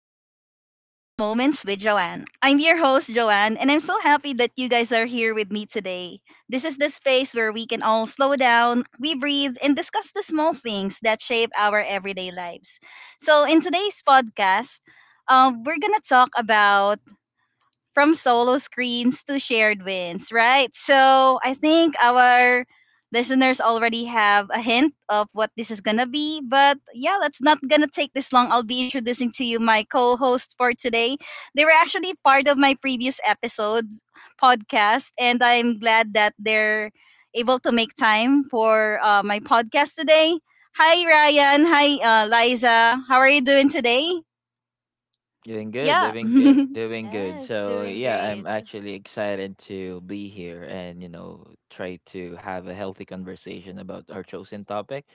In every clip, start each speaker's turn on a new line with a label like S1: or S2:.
S1: and welcome to Mindful Moments with Joanne. I'm your host, Joanne, and I'm so happy that you guys are here with me today. This is the space where we can all slow down, we breathe, and discuss the small things that shape our everyday lives. So, in today's podcast, we're going to talk about from solo screens to shared wins, right? So I think our listeners already have a hint of what this is gonna be. But yeah, let's not gonna take this long. I'll be introducing to you my co-host for today. They were actually part of my previous episodes podcast, and I'm glad that they're able to make time for my podcast today. Hi Ryan, hi Liza. How are you doing today?
S2: Doing good,
S1: Yeah.
S2: doing good, doing good.
S3: Yes,
S2: So
S3: doing
S2: yeah, I'm
S3: great.
S2: actually excited to be here and try to have a healthy conversation about our chosen topic,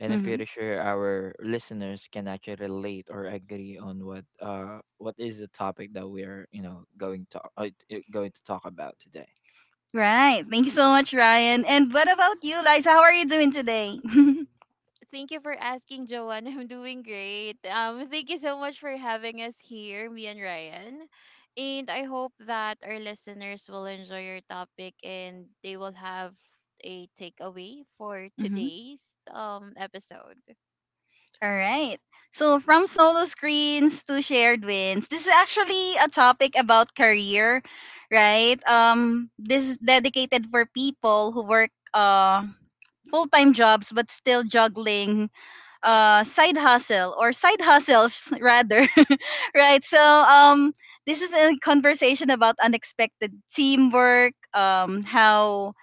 S2: and I'm
S1: Mhm.
S2: pretty sure our listeners can actually relate or agree on what what is the topic that we are going to going to talk about today.
S1: Right. Thank you so much, Ryan. And what about you, Liza? How are you doing today?
S3: Thank you for asking, Joanne. I'm doing great. Thank you so much for having us here, me and Ryan. And I hope that our listeners will enjoy your topic and they will have a takeaway for
S1: Hmm.
S3: today's episode.
S1: All right. So, from solo screens to shared wins, this is actually a topic about career, right? This is dedicated for people who work full time jobs but still juggling side hustle or side hustles rather, right? So this is a conversation about unexpected teamwork, how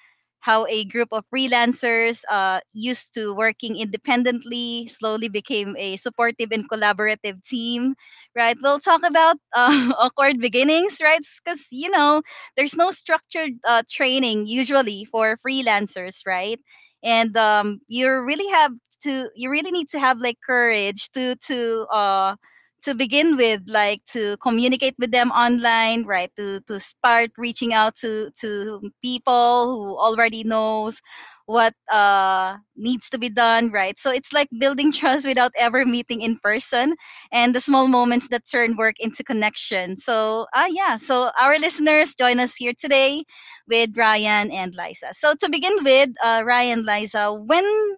S1: a group of freelancers used to working independently slowly became a supportive and collaborative team, right? We'll talk about awkward beginnings, right? Because you know there's no structured training usually for freelancers, right? And you really have to you really need to have like courage to to begin with, like to communicate with them online, right? To start reaching out to people who already knows what needs to be done, right? So it's like building trust without ever meeting in person and the small moments that turn work into connection. So yeah, so our listeners, join us here today with Ryan and Liza. So to begin with, Ryan, Liza, when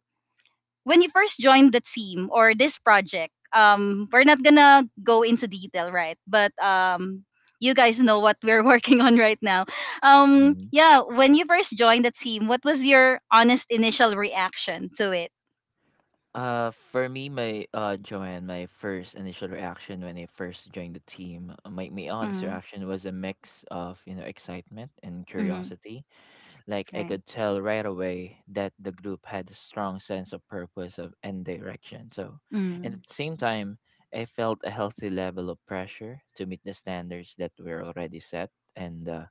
S1: when you first joined the team or this project, we're not gonna go into detail, right? But you guys know what we're working on right now.
S2: Mm-hmm.
S1: Yeah, when you first joined the team, what was your honest initial reaction to it?
S2: For me, my Joanne, my first initial reaction when I first joined the team, my aunt's
S1: Mm-hmm.
S2: reaction was a mix of excitement and
S1: Mm-hmm.
S2: curiosity. Like I
S1: Right.
S2: could tell right away that the group had a strong sense of purpose of and direction. So, and
S1: Mm-hmm.
S2: at the same time, I felt a healthy level of pressure to meet the standards that were already set and.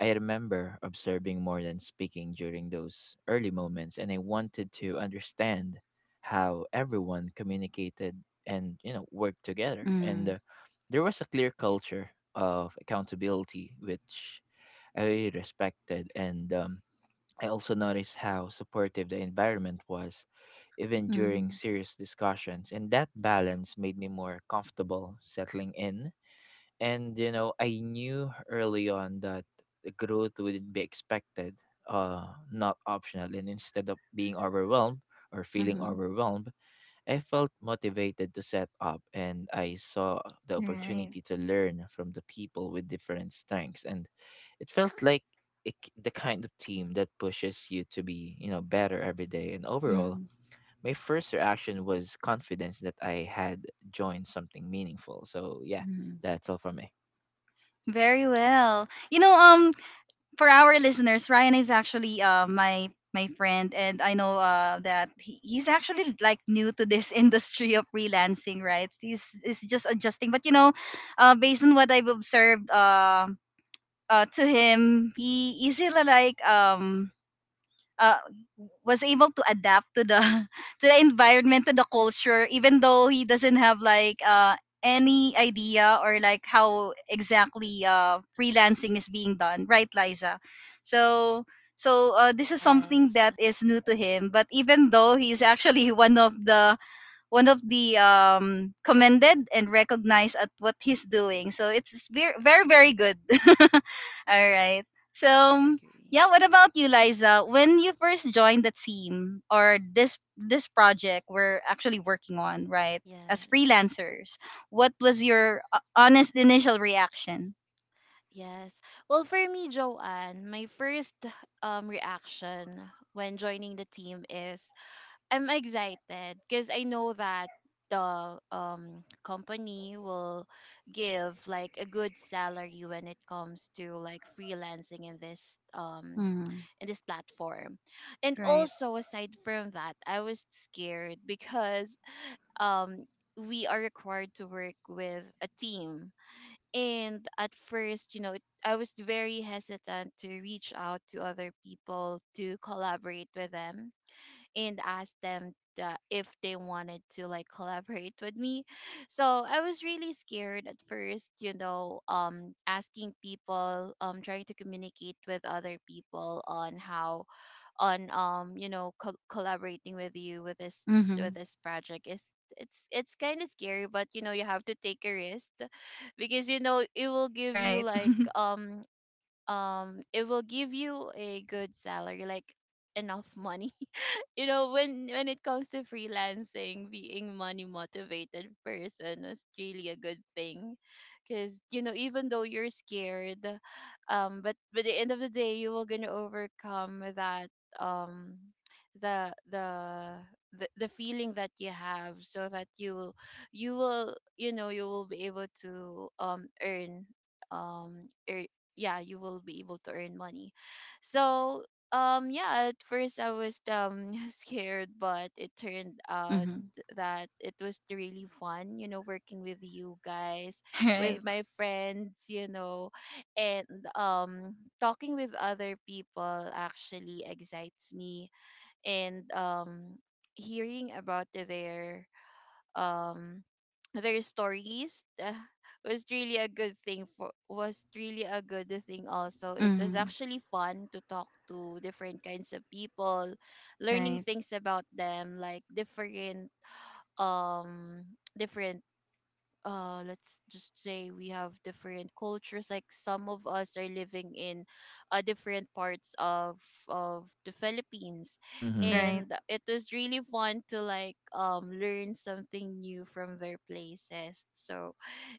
S2: I remember observing more than speaking during those early moments, and I wanted to understand how everyone communicated and worked together. And
S1: Mm-hmm.
S2: There was a clear culture of accountability, which I really respected. And I also noticed how supportive the environment was, even during
S1: Mm-hmm.
S2: serious discussions. And that balance made me more comfortable settling in, and I knew early on that the growth wouldn't be expected uh not optional, and instead of being overwhelmed or feeling
S1: Mm-hmm.
S2: overwhelmed, I felt motivated to set up, and I saw the
S1: Right.
S2: opportunity to learn from the people with different strengths. And it felt like it, the kind of team that pushes you to be better every day. And overall,
S1: Mm-hmm.
S2: my first reaction was confidence that I had joined something meaningful. So yeah,
S1: Mm-hmm.
S2: that's all for me.
S1: Very well. You know, for our listeners, Ryan is actually my friend, and I know that he, he's actually like new to this industry of freelancing, right? He's is just adjusting, but you know, based on what I've observed, to him, he is like uh, was able to adapt to the to the environment, to the culture, even though he doesn't have like any idea or like how exactly freelancing is being done, right, Liza? So this is something
S3: Yes,
S1: that is new to him, but even though he's actually one of the commended and recognized at what he's doing. So it's very, very, very good. All right.
S3: yeah, I
S1: So
S3: agree.
S1: yeah, what about you, Liza? When you first joined the team or this project we're actually working on, right? As
S3: Yes,
S1: freelancers, what was your honest initial reaction?
S3: yes. Well, for me, Joanne, my first reaction when joining the team is I'm excited because I know that the company will give like a good salary when it comes to like freelancing
S1: Mm,
S3: in this platform. And
S1: right.
S3: also aside from that, I was scared because um we are required to work with a team. And at first, you know, I was very hesitant to reach out to other people to collaborate with them and asked them that if they wanted to like collaborate with me. So I was really scared at first, you know, asking people, trying to communicate with other people on how on you know, collaborating with you with this
S1: Mm-hmm.
S3: with this project is it's kind of scary, but you know you have to take a risk because you know it will give you
S1: Right.
S3: like it will give you a good salary, like enough money, you know, when it comes to freelancing, being money motivated person is really a good thing because you know even though you're scared, but the end of the day you will gonna overcome that um the the the feeling that you have so that you will you will you know you will be able to earn um er, yeah, you will be able to earn money. So yeah, at first I was scared, but it turned out
S1: Mm-hmm.
S3: that it was really fun, you know, working with you guys,
S1: Right.
S3: with my friends, you know, and talking with other people actually excites me. And hearing about um their stories was really a good thing for was really a good thing. Also, it was
S1: Mm-hmm.
S3: actually fun to talk to different kinds of people, learning
S1: Right.
S3: things about them, like different um different let's just say we have different cultures, like some of us are living in different parts of the Philippines.
S2: Mhm.
S1: Right.
S3: And it was really fun to like learn something new from their places. So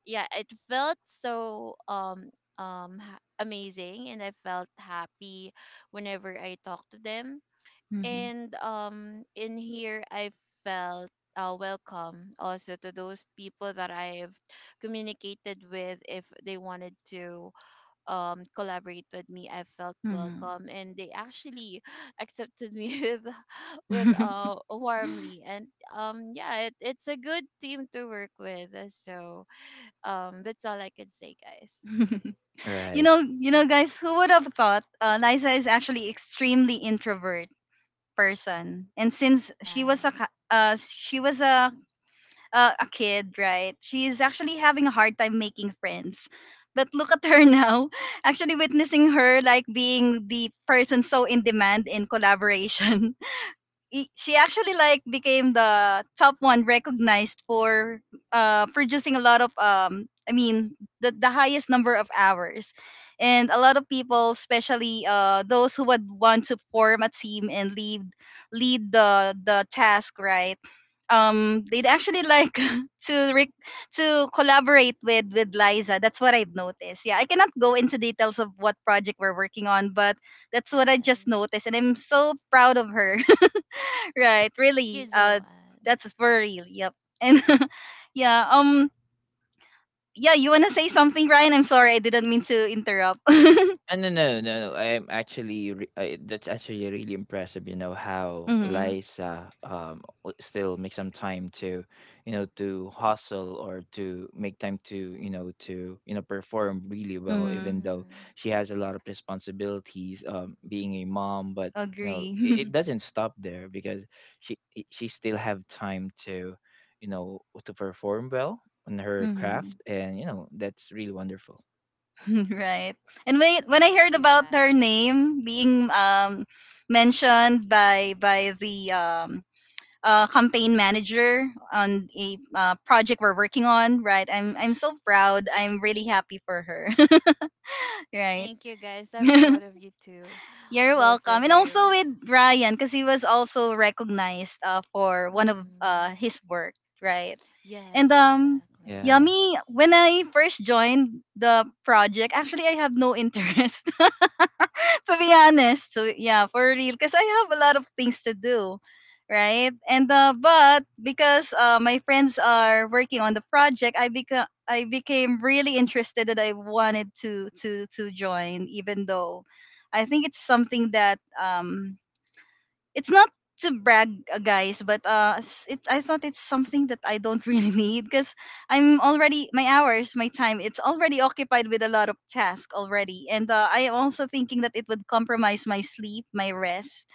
S3: yeah, it felt so amazing, and I felt happy whenever I talked to them.
S1: Mm-hmm.
S3: And in here, I felt welcome also to those people that I've communicated with. If they wanted to collaborate with me, I felt welcome and they actually accepted me with
S1: Mm-hmm.
S3: warmly. And yeah, it's a good team to work with, so that's all I can say, guys.
S1: You
S2: Right.
S1: know, guys, who would have thought Liza is actually extremely introvert person, and since she was
S3: Yes,
S1: she was a a kid, right? She is actually having a hard time making friends. But look at her now, actually witnessing her like being the person so in demand in collaboration. She actually like became the top one recognized for producing a lot of I mean the highest number of hours, and a lot of people, especially those who would want to form a team and lead lead the task, right? Um, they'd actually like to re- to collaborate with Liza. That's what I've noticed. Yeah, I cannot go into details of what project we're working on, but that's what I just
S3: yes.
S1: noticed and I'm so proud of her. Right,
S3: Thank you,
S1: really.
S3: Joanne.
S1: That's for real. Yep. And yeah, um, yeah, you want to say something, Ryan? I'm sorry, I didn't mean to interrupt.
S2: And no, no, no. I'm actually re- I, That's actually really impressive. You know how
S1: Mm-hmm.
S2: Liza still makes some time to, you know, to hustle or to make time to to perform really well,
S1: Mm-hmm.
S2: even though
S3: Hmm.
S2: she has a lot of responsibilities, being a mom. But you know
S1: Agree.
S2: it doesn't stop there because she still have time to, you know, to perform well on her
S1: Mm-hmm.
S2: craft, and you know that's really wonderful.
S1: Right. And when I
S3: Thank
S1: heard
S3: you
S1: about her
S3: guys.
S1: name being mentioned by the campaign manager on a project we're working on, right, I'm so proud. I'm really happy for her. Right.
S3: Thank you guys. I'm proud of you too.
S1: You're
S3: Both
S1: welcome.
S3: of
S1: And also
S3: you.
S1: with Ryan, because he was also recognized for one of
S3: Hmm.
S1: his work, right?
S3: Yes,
S1: And
S3: exactly.
S2: Yeah.
S1: Yummy, when I first joined the project, actually I have no interest, to be honest. So yeah, for real, because I have a lot of things to do, right? And but because my friends are working on the project, I became really interested that I wanted to join, even though I think it's something that it's not, to brag, guys, but it's, I thought it's something that I don't really need, because I'm already my hours, my time, it's already occupied with a lot of tasks already, and I am also thinking that it would compromise my sleep, my rest,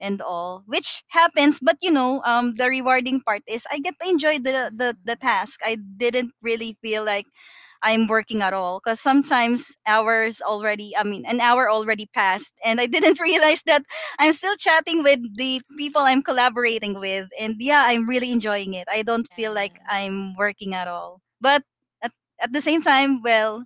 S1: and all, which happens. But you know, the rewarding part is I get to enjoy the
S3: Hmm.
S1: task. I didn't really feel like I'm working at all, because I mean, an hour already passed, and I didn't realize that I'm still chatting with the people I'm collaborating with. And yeah, I'm really enjoying it. I don't feel like
S3: Yes.
S1: I'm working at all. But at, at the same time, well,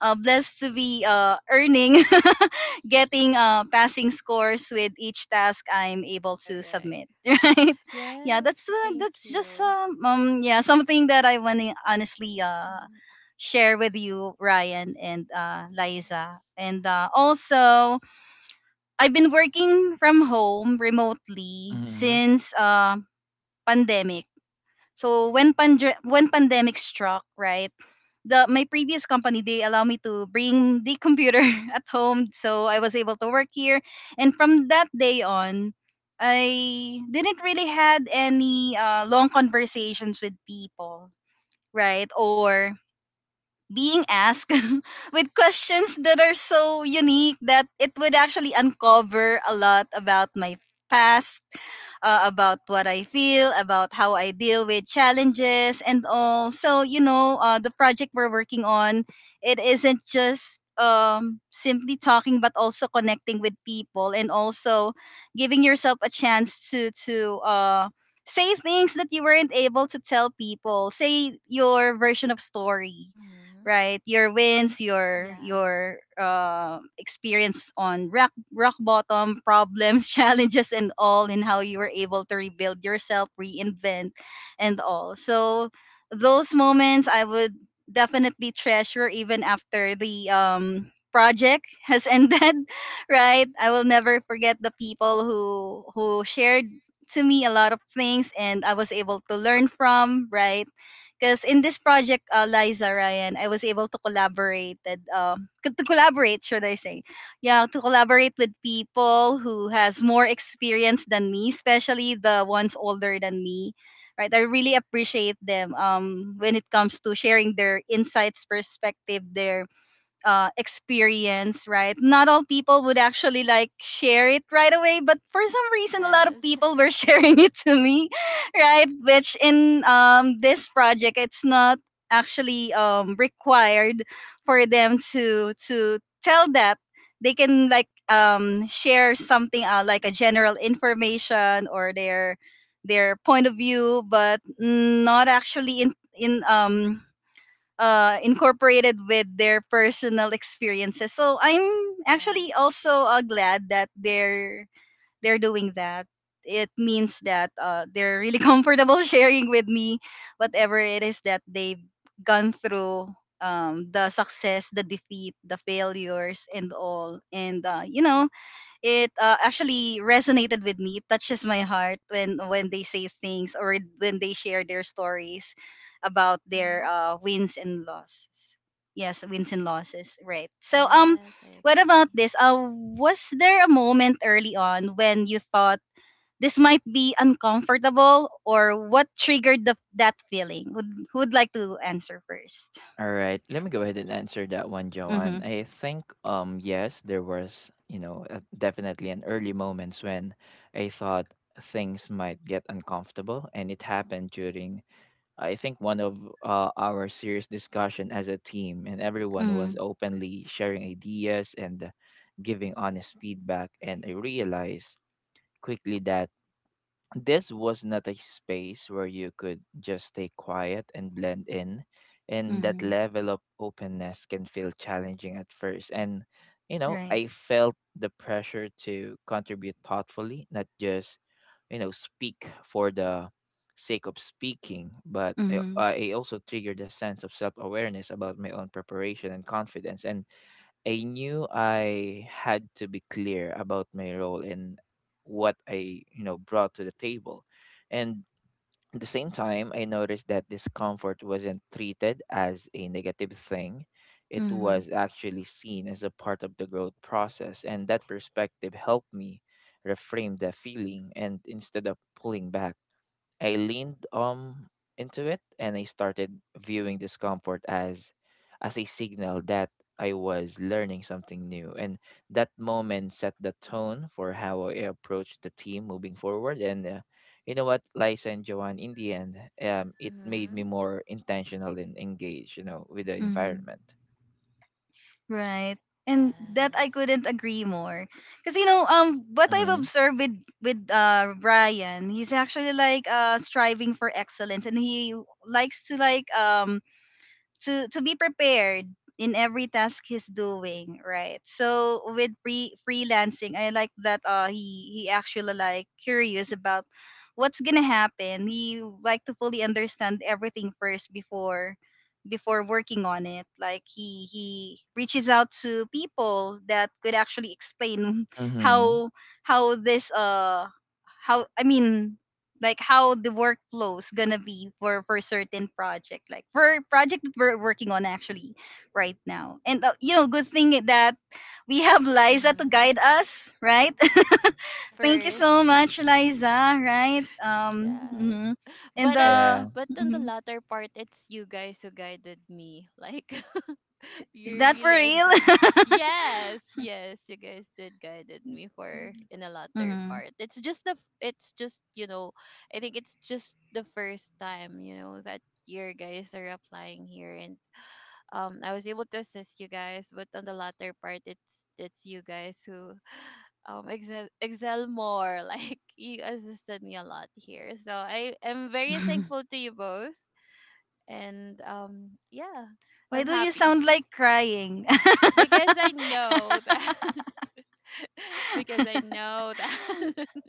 S1: blessed to be earning, getting passing scores with each task I'm able to
S3: Correct.
S1: submit, right? Yeah,
S3: Yes. Thank
S1: that's just
S3: you.
S1: yeah something that I want to honestly
S3: Mhm.
S1: share with you, Ryan and Liza.
S3: Yes.
S1: And also, I've been working from home remotely
S2: Mhm.
S1: since pandemic. So when pandemic struck, right? The my previous company, they allow me to bring the computer at home, so I was able to work here. And from that day on, I didn't really had any long conversations with people, right, or being asked with questions that are so unique that it would actually uncover a lot about my past, about what I feel, about how I deal with challenges and all. So, you know, the project we're working on, it isn't just simply talking, but also connecting with people, and also giving yourself a chance to say things that you weren't able to tell people. Say your version of story,
S3: Hmm.
S1: right? Your wins, your
S3: Yeah.
S1: experience on rock bottom problems, challenges and all, and how you were able to rebuild yourself, reinvent and all. So those moments I would definitely treasure even after the project has ended, right? I will never forget the people who shared to me a lot of things and I was able to learn from, right? Because in this project, Liza, Ryan, I was able to collaborate. And, uh, to collaborate, should I say? Yeah, to collaborate with people who has more experience than me, especially the ones older than me. Right, I really appreciate them. When it comes to sharing their insights, perspective, their experience, right? Not all people would actually like share it right away, but for some reason, a lot of
S3: Yes.
S1: people were sharing it to me, right? Which in this project, it's not actually required for them to tell that they can like share something like a general information or their point of view, but not actually in incorporated with their personal experiences. So I'm actually
S3: Yes.
S1: also glad that they're doing that. It means that they're really comfortable sharing with me whatever it is that they've gone through, the success, the defeat, the failures, and all. And you know, it actually resonated with me. It touches my heart when they say things or when they share their stories about their
S3: Hmm.
S1: wins and losses. Yes, wins and losses. Right. So
S3: Yes, I
S1: what about
S3: agree.
S1: this? Was there a moment early on when you thought this might be uncomfortable, or what triggered that feeling? Would Who would like to answer first?
S2: All right. Let me go ahead and answer that one,
S1: Mm-hmm.
S2: Joanne. I think yes, there was, you know, definitely an early moments when I thought things might get uncomfortable, and it happened during I think one of our serious discussion as a team, and everyone was
S1: Mm-hmm.
S2: openly sharing ideas and giving honest feedback. And I realized quickly that this was not a space where you could just stay quiet and blend in, and that
S1: Mm-hmm.
S2: level of openness can feel challenging at first. And you know
S1: Right.
S2: I felt the pressure to contribute thoughtfully, not just speak for the sake of speaking. but
S1: Mm-hmm.
S2: i, I also triggered a sense of self-awareness about my own preparation and confidence, and I knew I had to be clear about my role and what I, you know, brought to the table. And at the same time, I noticed that discomfort wasn't treated as a negative thing. It
S1: Mm-hmm.
S2: was actually seen as a part of the growth process. And that perspective helped me reframe the feeling, and instead of pulling back, I leaned into it, and I started viewing discomfort as a signal that I was learning something new. And that moment set the tone for how I approached the team moving forward. And You know what, Liza and Joanne, in the end, it made me
S3: Hmm.
S2: more intentional and engaged, you know, with the
S1: Mm-hmm.
S2: environment.
S1: Right. And that I
S3: Yes.
S1: couldn't agree more. Cause you know, what I've
S2: Mm-hmm.
S1: observed with with Ryan, he's actually like striving for excellence and he likes to to be prepared in every task he's doing, right? So with freelancing, I like that he actually like curious about what's gonna happen. He like to fully understand everything first before working on it. Like he reaches out to people that could actually explain
S2: Mm-hmm.
S1: how how this how I mean like how the workflow's gonna be for certain project, like for project that we're working on actually right now. And you know, good thing that we have Liza to
S3: Hmm.
S1: guide us, right?
S3: At
S1: Thank you
S3: first.
S1: so much, Liza. Right.
S3: Yes.
S1: Mhm. And
S3: But at
S2: Yeah.
S3: but on the
S1: mhm.
S3: latter part, it's you guys who guided me. Like
S1: Is
S3: you
S1: that for
S3: really
S1: real?
S3: excel. Yes, yes, you guys did guided me for in the latter
S1: Mhm.
S3: part. It's just the it's just, you know, I think it's just the first time, you know, that your guys are applying here. And I was able to assist you guys, but on the latter part, it's you guys who excel more. Like, you assisted me a lot here, so I am very thankful to you both. And yeah,
S1: Why
S3: I'm
S1: do you
S3: happy
S1: sound like crying?
S3: because I know that because I know that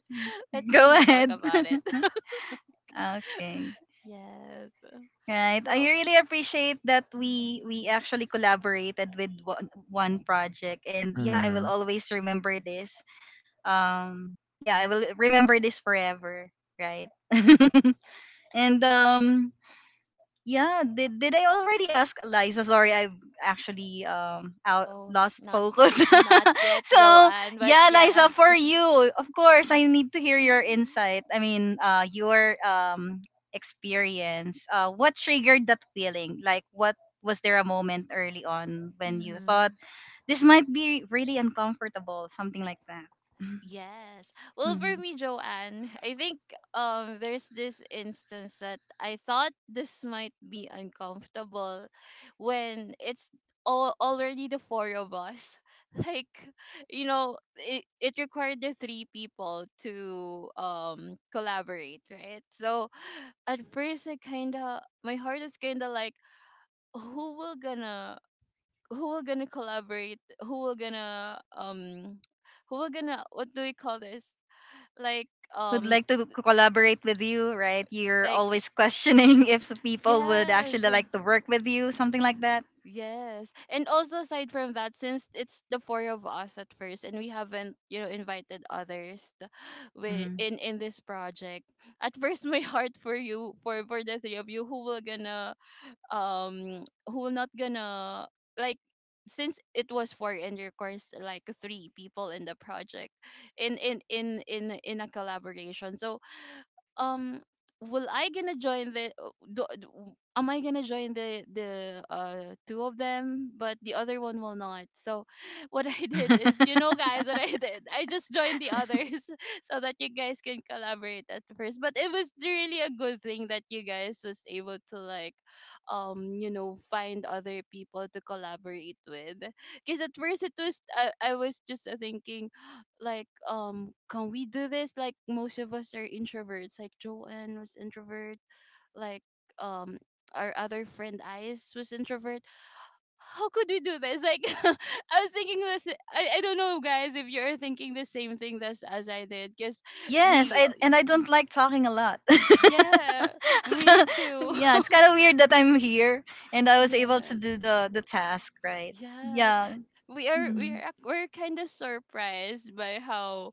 S3: let's just
S1: Go
S3: not talk
S1: ahead.
S3: about it.
S1: Okay.
S3: Yes,
S1: Right. I
S3: so
S1: really appreciate that we
S3: mhm.
S1: actually collaborated with one project, and yeah, I will
S2: Mm-hmm.
S1: always remember this. Um yeah, I will remember this forever, right? And yeah, did I already ask Eliza? Sorry, I've actually out
S3: Oh,
S1: lost
S3: not
S1: focus.
S3: not yet,
S1: So
S3: Joanne, but
S1: yeah,
S3: yeah.
S1: Eliza, for you, of course, I need to hear your insight. I mean, your experience. What triggered that feeling? Like, what was there a moment early on when you thought
S3: Mm-hmm.
S1: this might be really uncomfortable, something like that?
S3: Yes. Well, for me, Joanne, I think there's this instance that I thought this might be uncomfortable, when it's all already the four of us. Like, you know, it required the three people to collaborate, right? So at first I kinda my heart is kinda like who will gonna who will gonna collaborate, who will gonna who will gonna, what do we call this? Like
S1: Who'd
S3: um
S1: like to collaborate with you, right? You're
S3: like y-
S1: always questioning if people would
S3: yes,
S1: actually like to work with you, something like that.
S3: yes. And also aside from that, since it's the four of us at first and we haven't you know invited others we
S1: Hmm.
S3: in this project at first, my heart for you for the three of you, who will gonna who will not gonna like, since it was four and of course like three people in the project in a collaboration, so um will I gonna join the am I gonna join the two of them, but the other one will not. So what I did is, you know guys what I did, I just joined the others so that you guys can collaborate at first. But it was really a good thing that you guys was able to like you know find other people to collaborate with, because at first it was, I was just thinking like can we do this, like most of us are introverts, like Joanne was introvert, like um our other friend Ice was introvert. How could we do this? Like I was thinking this. I don't know guys if you're thinking the same thing as I did because
S1: Yes,
S3: we
S1: I, and I don't like talking a lot.
S3: yeah, me
S1: So,
S3: too.
S1: yeah, it's kind of weird that I'm here and I was able to
S3: Yes,
S1: do the task, right?
S3: yes,
S1: Yeah, mhm,
S3: we're kind of surprised by how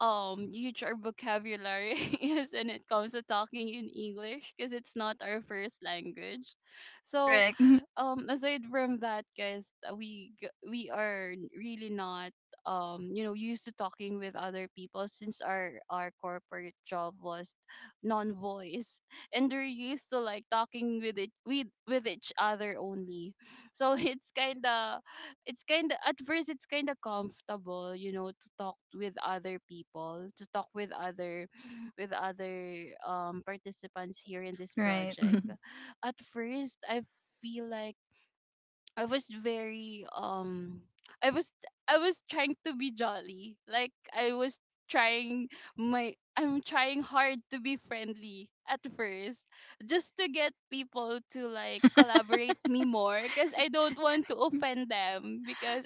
S3: huge our vocabulary is when it comes to talking in English, because it's not our first language. So
S1: correct.
S3: aside from that guys, we are really not you know used to talking with other people, since our corporate job was non-voice, and they're used to like talking with it with each other only. So it's kind of at first it's kind of comfortable, you know, to talk with other people, to talk with other with other participants here in this
S1: Right.
S3: project. At first I feel like I was very i was I was trying to be jolly. Like I was trying my I'm trying hard to be friendly at first, just to get people to like collaborate me more, because I don't want to
S1: Hmm.
S3: offend them, because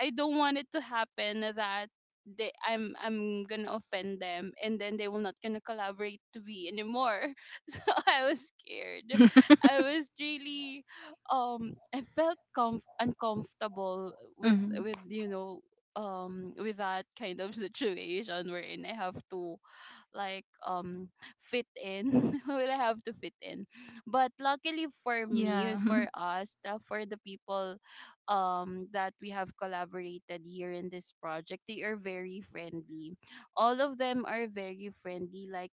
S3: I don't want it to happen that they I'm gonna offend them and then they will not gonna collaborate to be anymore. So I was scared. I was really I felt uncomfortable
S1: Mm-hmm.
S3: with you know with that kind of situation wherein I have to like fit in. will I have to fit in. But luckily for me
S1: Yeah.
S3: and for us, for the people that we have collaborated here in this project, they are very friendly. All of them are very friendly. Like,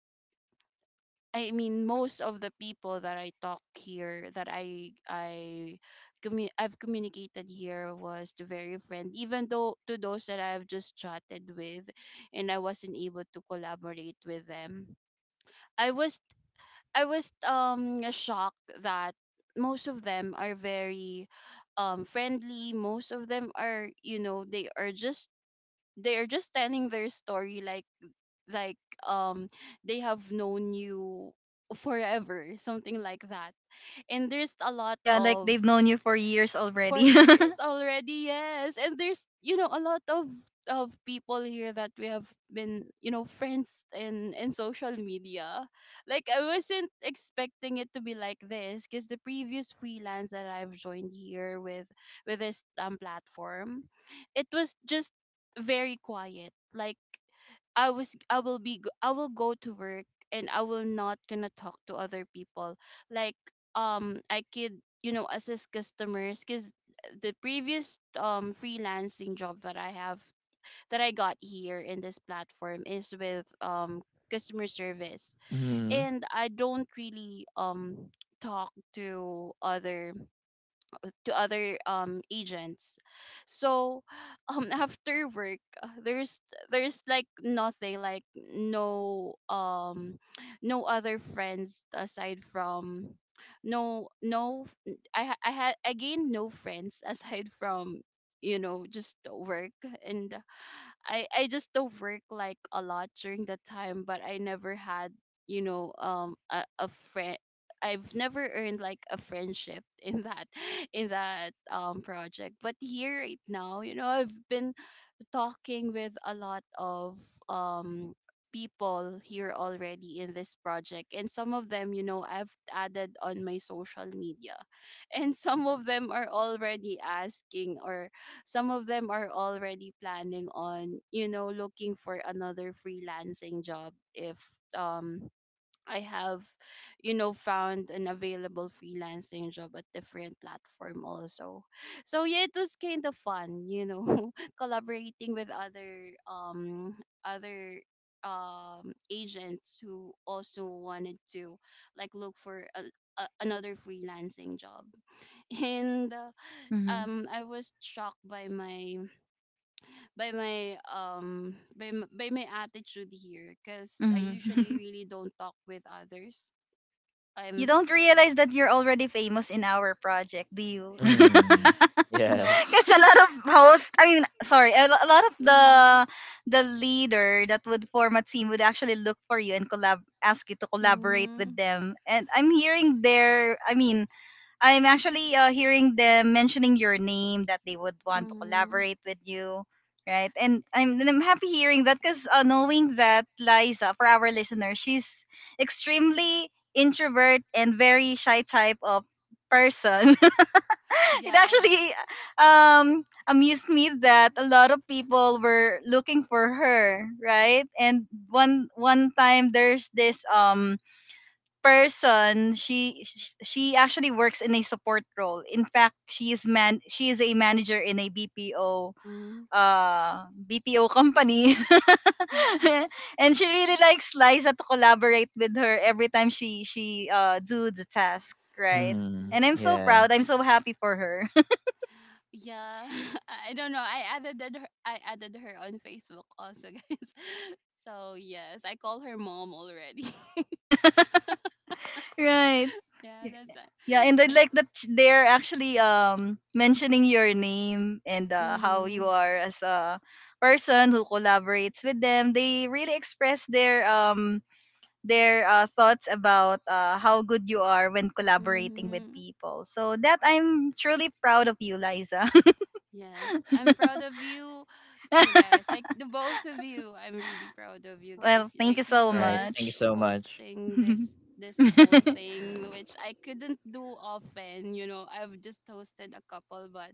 S3: I mean, most of the people that I talk here, that I've communicated here was the very friend. Even though to those that I've just chatted with, and I wasn't able to collaborate with them, I was I was shocked that most of them are very friendly. Most of them are you know they are just telling their story, like um they have known you forever, something like that. And there's a lot
S1: Yeah, like
S3: of
S1: they've known you for years
S3: for
S1: already.
S3: years already. Yes, and there's you know a lot of people here that we have been you know friends in social media. Like I wasn't expecting it to be like this, because the previous freelance that I've joined here with this platform, it was just very quiet. Like I was I will go to work and I will not gonna talk to other people. Like I could you know assist customers because the previous freelancing job that I have that I got here in this platform is with customer service,
S2: Mm-hmm.
S3: and I don't really talk to other agents. So after work, there's like nothing, like no no other friends aside from no no n- I had I gained no friends aside from you know just work. And I just don't work like a lot during the time, but I never had you know a friend. I've never earned like a friendship in that in that project. But here right now, you know, I've been talking with a lot of um people here already in this project, and some of them, you know, I've added on my social media, and some of them are already asking, or some of them are already planning on, you know, looking for another freelancing job if um I have, you know, found an available freelancing job at different platform also. So yeah, it was kind of fun, you know, collaborating with other agents who also wanted to like look for another freelancing job. And
S1: Hmm.
S3: I was shocked by my attitude here, cuz I
S1: Hmm.
S3: usually really don't talk with others.
S1: You
S3: I'm
S1: don't realize that you're already famous in our project, do you?
S2: Mm-hmm.
S3: No.
S2: Yes.
S1: Because a lot of hosts, I mean, sorry, a lot of the
S3: Mhm.
S1: leader that would form a team would actually look for you and collab, ask you to collaborate with
S3: Mhm.
S1: them. And I'm hearing their, I mean, I'm actually hearing them mentioning your name, that they would want to
S3: Mhm.
S1: collaborate with you, right? And I'm happy
S3: Yeah.
S1: hearing that, because knowing that Liza, for our listeners, she's extremely introvert and very shy type of person. It
S3: Yeah.
S1: actually amused me that a lot of people were looking for her, right? And one time there's this person. She she actually works in a support role. In fact, she is man she is a manager in a BPO
S3: Mhm.
S1: BPO company.
S3: Yeah.
S1: And she really likes Liza to collaborate with her every time she do the task, right?
S2: Mm-hmm.
S1: And I'm so
S3: Yes.
S2: Yeah.
S1: proud, I'm so happy for her.
S3: Yeah. I don't know. I added her on Facebook also, guys. So yes, I call her mom already.
S1: Right.
S3: yeah, that's
S1: Yeah,
S3: a-
S1: and I like that
S3: that's.
S1: they're actually mentioning your name, and how you
S3: Mhm.
S1: are as a person who collaborates with them. They really express their thoughts about how good you are when collaborating with
S3: Mhm.
S1: people. So that, I'm truly proud of you, Liza.
S3: Yes, I'm proud of you too, guys. Like the both of you, I'm really proud of you guys.
S1: Well, thank
S3: Like
S1: you
S3: you
S1: so
S2: All right.
S3: guys
S2: Thank you
S1: much.
S2: so much.
S3: hosting this whole thing, which I couldn't do often. You know, I've just hosted a couple, but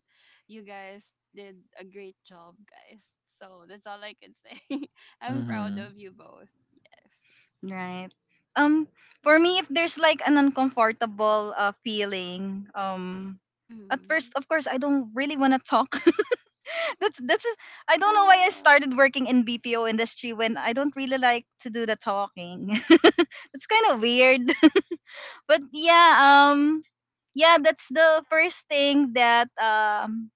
S3: you guys did a great job, guys. So that's all I can say. I'm proud
S2: Mhm.
S3: of you both. Yes.
S1: Right. Um, for me, if there's like an uncomfortable feeling, at
S3: Mm-hmm.
S1: first, of course, I don't really want to talk. that's that's. I don't know why I
S3: Yeah.
S1: started working in BPO industry when I don't really like to do the talking. It's kind of weird. But yeah. Um, yeah, that's the first thing that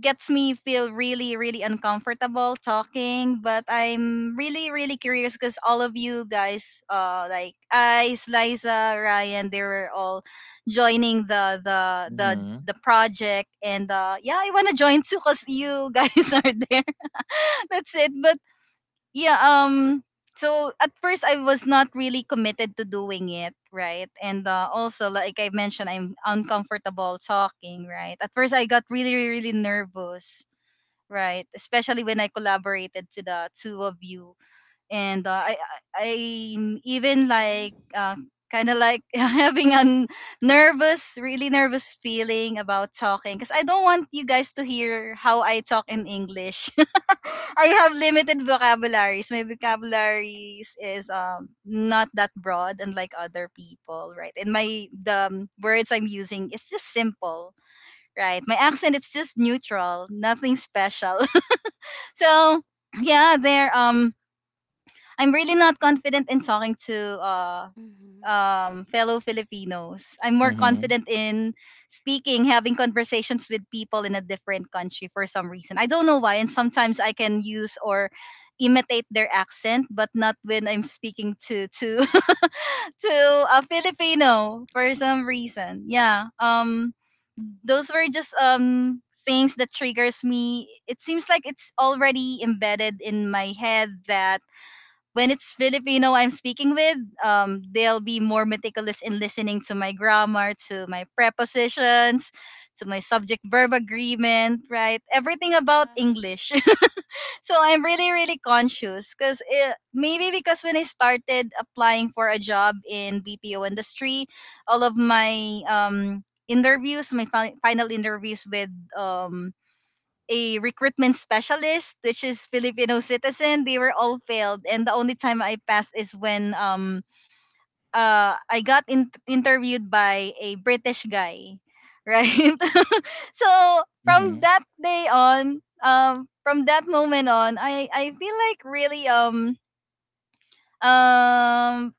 S1: gets me feel really uncomfortable talking. But I'm really curious, because all of you guys, like Ice, Liza, Ryan, they were all joining the
S2: Mhm.
S1: the project, and yeah, I want to join too because you guys are there. That's it. But yeah. So at first I was not really committed to doing it, right? And also, like I mentioned, I'm uncomfortable talking, right? At first, I got really nervous, right, especially when I collaborated to the two of you. And i I'm even like
S3: Mm-hmm.
S1: kind of like having nervous, really nervous feeling about talking, because I don't want you guys to hear how I talk in English. I have limited vocabularies. My vocabularies is not that broad, unlike other people, right? And my the words I'm using, it's just simple, right? My accent, it's just neutral, nothing special. So yeah, there I'm really not confident in talking to
S3: Mm-hmm.
S1: fellow Filipinos. I'm more
S2: Mhm.
S1: confident in speaking, having conversations with people in a different country for some reason. I don't know why, and sometimes I can use or imitate their accent, but not when I'm speaking to to a Filipino for some reason. Yeah. Those were just things that triggers me. It seems like it's already embedded in my head that when it's Filipino I'm speaking with, they'll be more meticulous in listening to my grammar, to my prepositions, to my subject verb agreement, right? Everything about
S3: Yeah.
S1: English. So I'm really conscious, because maybe because when I started applying for a job in BPO industry, all of my interviews, my final interviews with um, a recruitment specialist, which is Filipino citizen, they were all failed. And the only time I passed is when I got interviewed by a British guy, right? So from
S2: Mhm.
S1: that day on, from that moment on, I feel like really um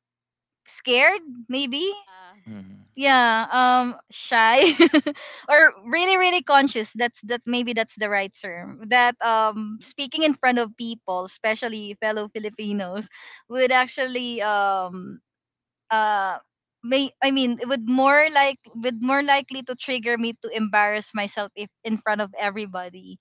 S1: scared maybe,
S3: Yeah.
S2: Mhm.
S3: Yeah.
S1: yeah, shy, or really conscious. That's, that maybe that's the right term, that speaking in front of people, especially fellow Filipinos, would actually uh may I mean it would more like would more likely to trigger me to embarrass myself if in front of everybody.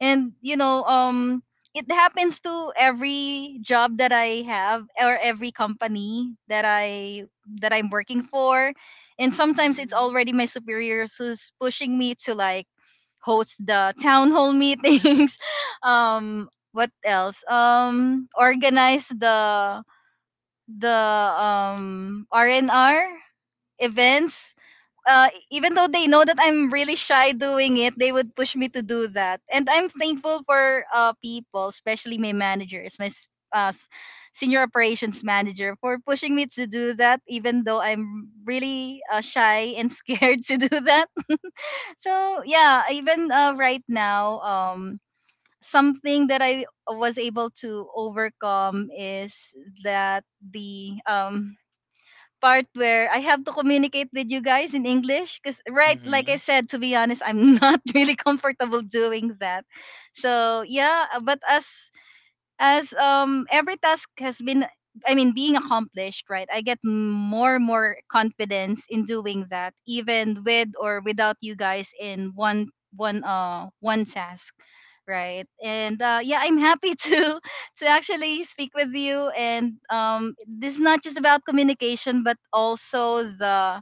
S1: And you know it happens to every job that I have, or every company that I that I'm working for. And sometimes it's
S3: Mm-hmm.
S1: already my superiors who's pushing me to like host the town hall meetings. What else? Organize the r&r events. Even though they know that I'm really shy doing it, they would push me to do that. And I'm thankful for people, especially my managers, my uh, s- senior operations manager, for pushing me to do that, even though I'm really shy and scared to do that. So, yeah, even right now, something that I was able to overcome is that the part where I have to communicate with you guys in English, because right, like I
S2: Mhm.
S1: said, to be honest, I'm not really comfortable doing that. So yeah, but as every task has been, I mean, being accomplished, right, I get more and more confidence in doing that, even with or without you guys in one task, right? And yeah, I'm happy to actually speak with you. And this is not just about communication, but also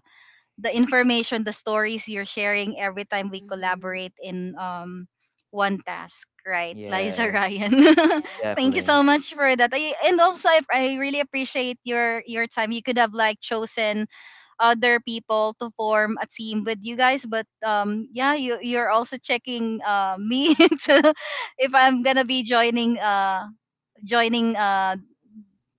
S1: the information, the stories you're sharing every time we
S3: Mm-hmm.
S1: collaborate in one task, right? Liza,
S2: Yes,
S1: Ryan. Thank you
S2: exactly.
S1: so much
S3: Yes.
S1: for that. And also I really appreciate your time. You could have like chosen other people to form a team with you guys, but yeah, you're also checking me to if I'm going to be joining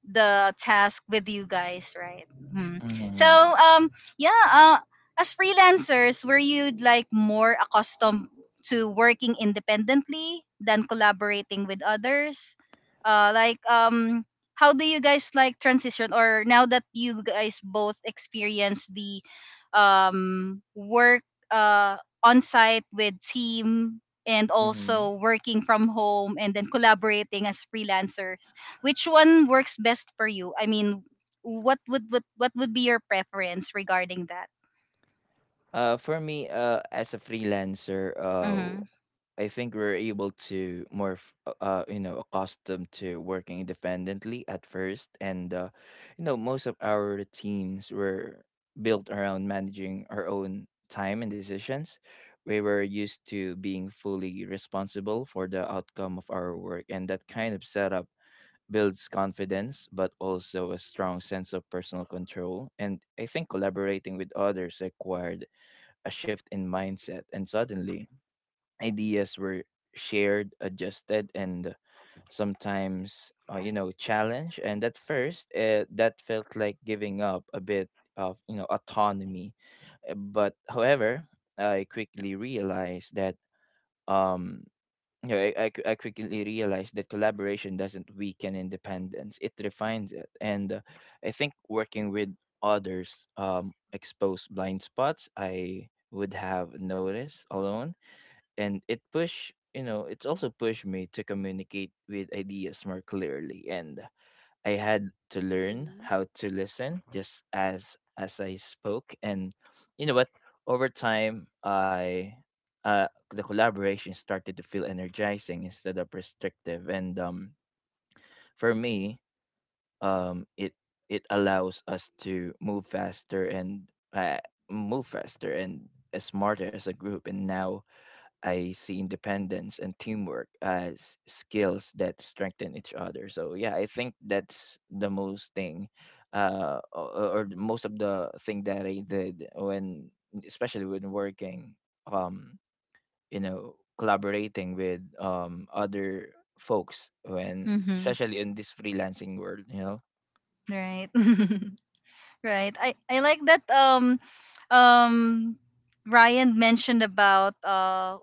S1: the task with you guys, right? Mhm. So,
S2: Mhm.
S3: Yes.
S1: um, yeah, as freelancers, were you like more accustomed to working independently than collaborating with others? Uh, like, um, how do you guys like transition, or now that you guys both experience the work uh, on site with team, and
S2: Mhm.
S1: also working from home and then collaborating as freelancers? Which one works best for you? I mean, what would be your preference regarding that?
S2: For me, as a freelancer,
S1: Mhm.
S2: I think we're able to you know, accustomed to working independently at first, and you know, most of our routines were built around managing our own time and decisions. We were used to being fully responsible for the outcome of our work, and that kind of setup builds confidence, but also a strong sense of personal control. And I think collaborating with others required a shift in mindset, and suddenly ideas were shared, adjusted, and sometimes you know challenged. And at first, that felt like giving up a bit of you know autonomy. But however, I quickly realized that um, you know I quickly realized that collaboration doesn't weaken independence; it refines it. And I think working with others exposed blind spots I would have noticed alone, and it push you know it's also pushed me to communicate with ideas more clearly. And I had to learn
S3: Mhm.
S2: how to listen just as I spoke. And you know what, over time I the collaboration started to feel energizing instead of restrictive. And um, for me, um, it allows us to move faster uh, and smarter as a group. And now I see independence and teamwork as skills that strengthen each other. So yeah, I think that's the most thing, or the most of the thing that I did when, especially when working, um, you know, collaborating with other folks when,
S1: Mhm.
S2: especially in this freelancing world, you know.
S1: Right. Right. I like that um Ryan mentioned about uh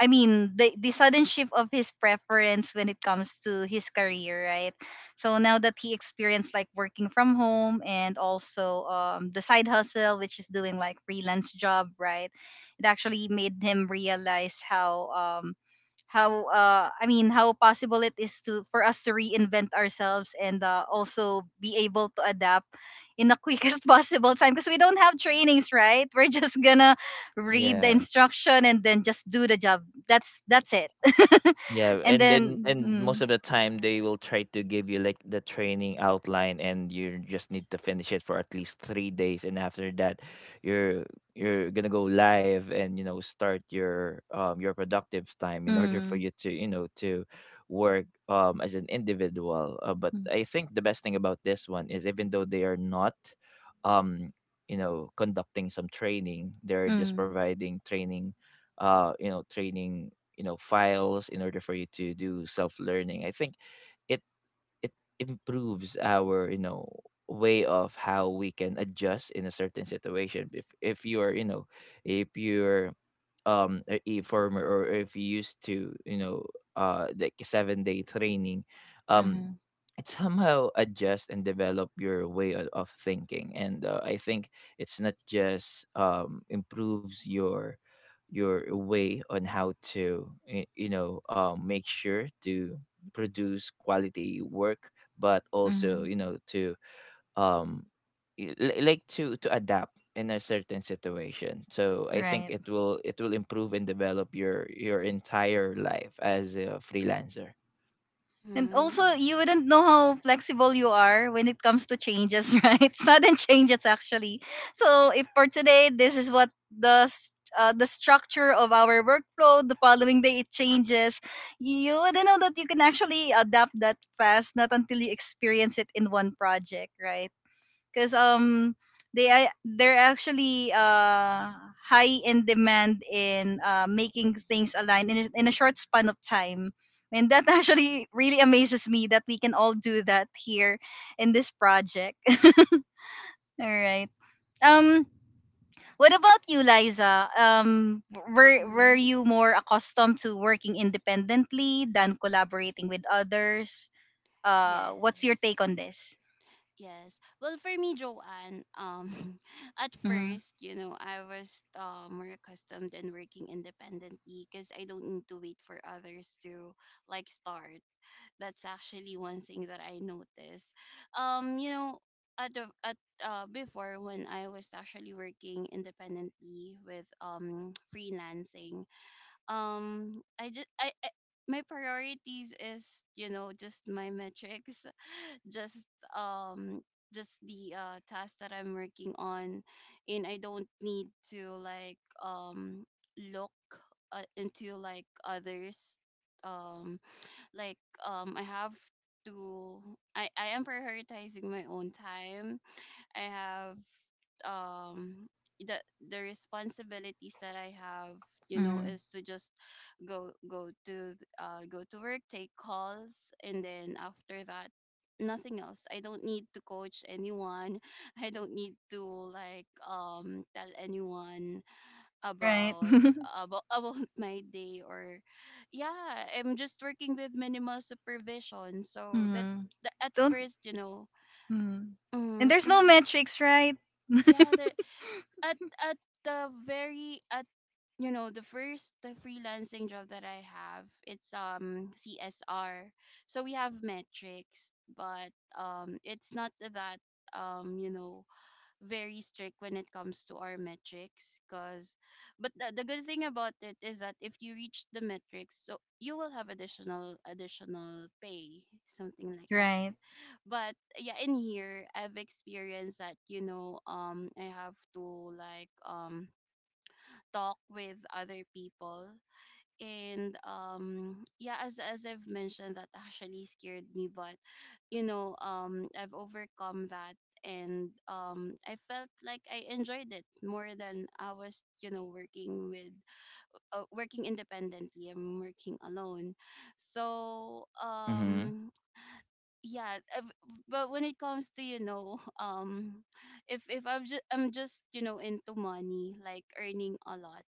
S1: I mean the sudden shift of his preference when it comes to his career, right? So now that he experienced like working from home and also the side hustle, which is doing like freelance job, right? It actually made him realize how how possible it is to, for us to reinvent ourselves and also be able to adapt in the quickest possible time, because we don't have trainings, right? We're just gonna read the
S2: Yeah.
S1: instruction and then just do the job. That's it.
S2: Yeah,
S1: And
S2: and then
S1: then
S2: and most
S1: mm,
S2: of the time they
S3: Yes.
S2: will try to give you like the training outline, and you just need to finish it for at least 3 days, and after that you're you're going to go live and you know start your productive time in order for
S1: mm,
S2: you to you know to work as an individual. But
S1: mm,
S2: I think the best thing about this one is even though they are not um you know conducting some training, they're just
S1: mm,
S2: providing training uh you know training you know files in order for you to do self learning. I think it it improves our you know way of how we can adjust in a certain situation. If you're you know if you're a former or if you used to you know like a 7-day training um
S1: mhm,
S2: it somehow adjust and develop your way of thinking. And I think it's not just improves your way on how to you know make sure to produce quality work, but also
S1: mhm,
S2: you know to um like to adapt in a certain situation. So I think
S1: right.
S2: it will improve and develop your entire life as a freelancer.
S1: And
S3: Mhm.
S1: also
S3: Yeah.
S1: you wouldn't know how flexible you are when it comes to changes right? Sudden changes actually. So if for today this is what the s- the structure of our workflow, the following day it changes. You wouldn't know that you can actually adapt that fast not until you experience it in one project, right? Because they're actually high in demand in making things align in a short span of time. And that actually really amazes me that we can all do that here in this project. All right. um what about you, Liza? Were
S3: Mhm.
S1: you more accustomed to working independently than collaborating with others? Uh, what's your
S3: Yes.
S1: take on this?
S3: Yes. Well, for me, Joanne, at
S1: Mm-hmm.
S3: first, you know, I was more accustomed and working independently because I don't need to wait for others to like start. That's actually one thing that I noticed. You know, at the at before when I was actually working independently with freelancing, I my priorities is, you know, just my metrics, just um just the task that I'm working on, and I don't need to like um look into like others, um like I have to I am prioritizing my own time. I have um the responsibilities that I have, you know,
S1: Mm-hmm.
S3: is to just go to work, take calls, and then after that, nothing else. I don't need to coach anyone. I don't need to like tell anyone
S1: Right.
S3: about about my day. Or Yeah, I'm just working with minimal supervision. So that,
S1: Mm-hmm.
S3: that at
S1: Don't.
S3: first, you know,
S1: Mm. And
S3: mm,
S1: there's no metrics, right?
S3: yeah, there at the very at you know, the first the freelancing job that I have, it's CSR, so we have metrics, but it's not that you know, very strict when it comes to our metrics, cuz but the good thing about it is that if you reach the metrics, so you will have additional pay, something like that.
S1: Right.
S3: But yeah, in here, I've experienced that, you know, I have to like talk with other people. And yeah, as I've mentioned, that actually scared me, but, you know, I've overcome that. And I felt like I enjoyed it more than I was, you know, working with working independently, I'm working alone. So
S2: Mm-hmm.
S3: yeah. But when it comes to, you know, if I'm just you know, into money, like earning a lot,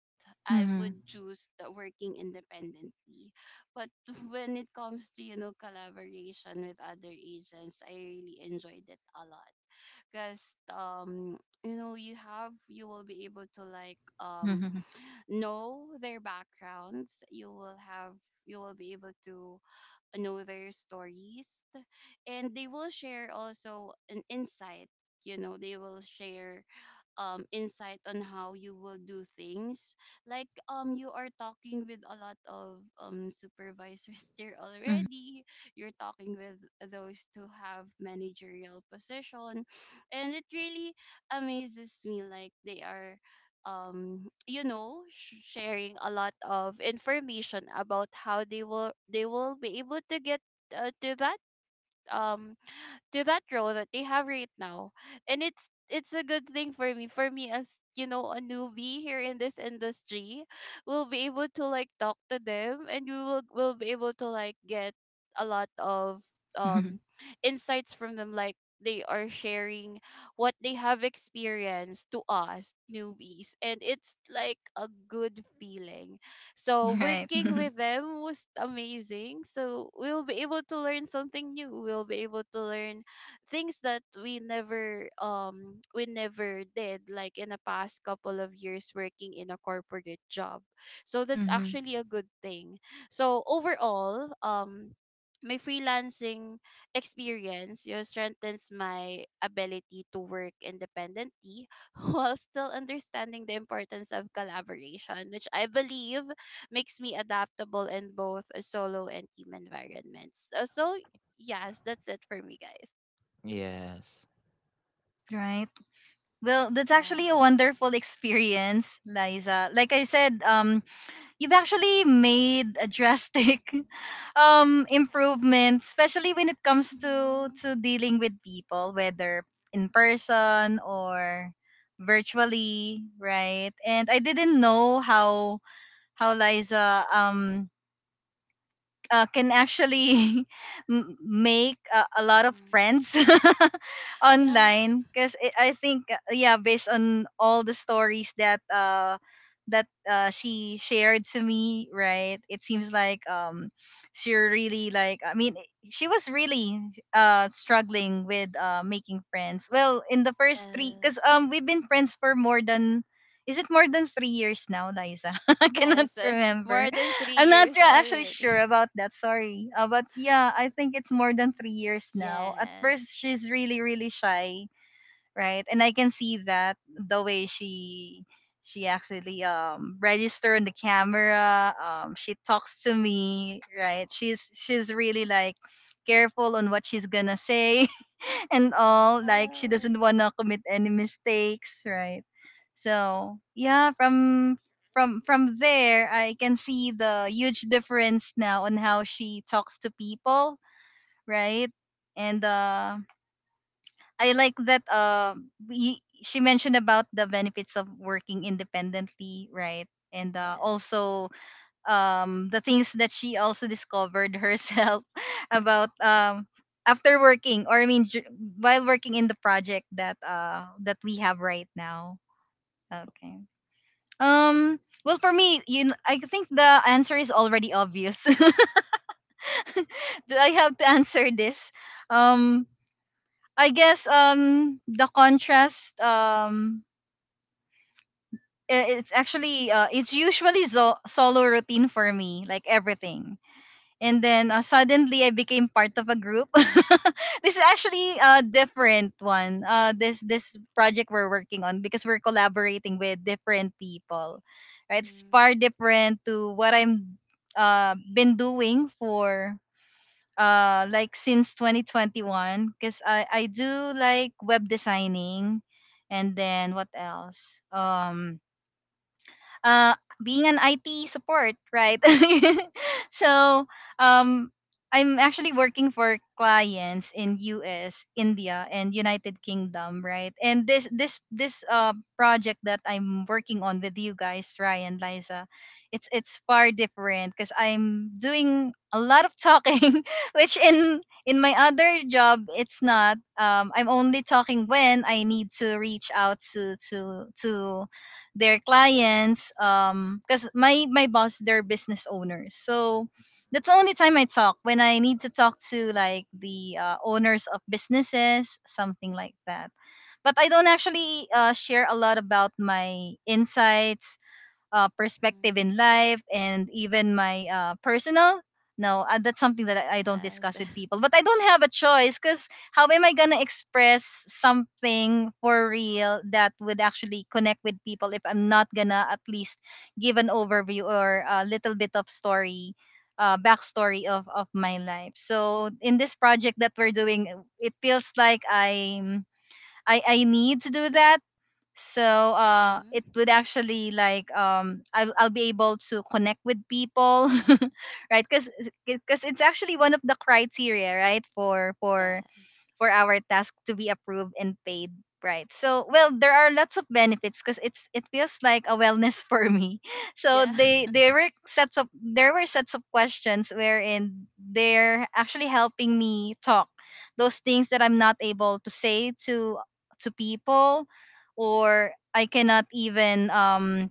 S3: I
S1: Mm-hmm.
S3: would choose the working independently. But when it comes to, you know, collaboration with other agents, I really enjoyed it a lot. Because um you know, you will be able to like
S1: Mm-hmm.
S3: know their backgrounds. You will have, you will be able to know their stories. And they will share also an insight, you know, they will share insight on how you will do things. Like, you are talking with a lot of supervisors there already. You're talking with those who have managerial position. And it really amazes me, like they are, you know, sharing a lot of information about how they will be able to get uh, to that um to that role that they have right now. And it's a good thing for me, for me as, you know, a newbie here in this industry. We'll be able to like talk to them, and we will be able to like get a lot of
S1: Mm-hmm.
S3: um insights from them. Like they are sharing what they have experienced to us newbies, and it's like a good feeling. So
S1: Right.
S3: working with them was amazing. So we'll be able to learn something new, we'll be able to learn things that we never did, like in the past couple of years working in a corporate job. So that's
S1: Mm-hmm.
S3: actually a good thing. So overall, my freelancing experience, you know, strengthens my ability to work independently, while still understanding the importance of collaboration, which I believe makes me adaptable in both a solo and team environments. So, so yes, that's it for me, guys.
S2: Yes.
S1: Right. Well, that's
S3: Yeah.
S1: actually a wonderful experience, Liza. Like I said, you've actually made a drastic improvement, especially when it comes to
S3: Mhm.
S1: to dealing with people, whether in person or virtually, right? And I didn't know how Liza can actually make a lot of
S3: Mhm.
S1: friends
S3: Yeah.
S1: online because I think yeah, based on all the stories that she shared to me, right? It seems like she really like, I mean, she was really struggling with making friends well in the first three because
S3: Yes.
S1: we've been friends for more than, is it more than 3 years now, Liza? I cannot
S3: Yes.
S1: remember.
S3: More than three
S1: I'm not
S3: years
S1: actually sure
S3: already.
S1: about that. Sorry. But yeah, I think it's more than 3 years now. At
S3: Yes.
S1: first, she's really, really shy, right? And I can see that the way she actually register on the camera, she talks to me, right? She's really like careful on what she's gonna say and all. Like she doesn't
S3: Yes.
S1: wanna commit any mistakes, right? So yeah, from there I can see the huge difference now on how she talks to people, right? And I like that. We she mentioned about the benefits of working independently, right? And
S3: Yes.
S1: also the things that she also discovered herself about after working, or I mean, while working in the project that we have right now. Okay. Well, for me, I think
S3: Yes.
S1: the answer is already obvious. Do I have to answer this? Um I guess the contrast, it's actually it's usually solo routine for me, like, everything. And then suddenly I became part of a group. This is actually a different one, this project we're working on because we're collaborating with different people, right? It's far
S3: Mhm.
S1: different to what I'm been doing for like since 2021 because I do like web designing, and then what else, uh, being an IT support, right? So, um, I'm actually working for clients in US, India, and United Kingdom, right? And this project that I'm working on with you guys, Ryan, Liza, it's far different because I'm doing a lot of talking, which in my other job it's not. I'm only talking when I need to reach out to their clients because my boss, they're business owners, so that's the only time I talk when I need to talk to like the owners of businesses, something like that. But I don't actually share a lot about my insights, perspective in
S3: Mhm.
S1: life, and even my personal, no that's something that I don't
S3: Yes.
S1: discuss with people. But I don't have a choice, because how am I gonna express something for real that would actually connect with people if I'm not gonna at least give an overview or a little bit of story, backstory of my life? So in this project that we're doing, it feels like I need to do that. So it
S3: Mhm.
S1: would actually like I'll be able to connect with people right? Because it's actually one of the criteria, right? for for
S3: Yes.
S1: for our task to be approved and paid, right? So well, there are lots of benefits because it feels like a wellness for me. So
S3: Yeah.
S1: they there were sets of, there were sets of questions wherein they're actually helping me talk those things that I'm not able to say to people, or I cannot even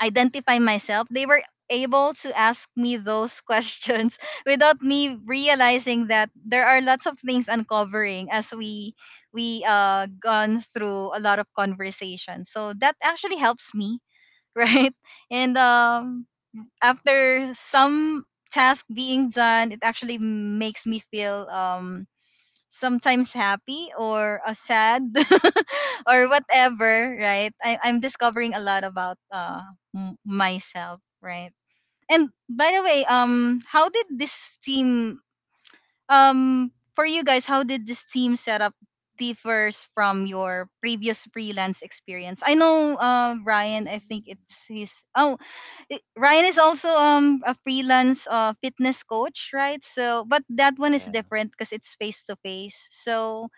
S1: identify myself. They were able to ask me those questions without me realizing that there are lots of things uncovering as we gone through a lot of conversation. So that actually helps me, right? And after some task being done, it actually makes me feel sometimes happy or sad or whatever, right? I'm discovering a lot about myself, right? And by the way, how did this team, for you guys, how did this team setup differs from your previous freelance experience? I know, Ryan, I
S3: Mhm.
S1: think it's his, oh, Ryan is also a freelance fitness coach, right? So, but that one is different because it's face to face. So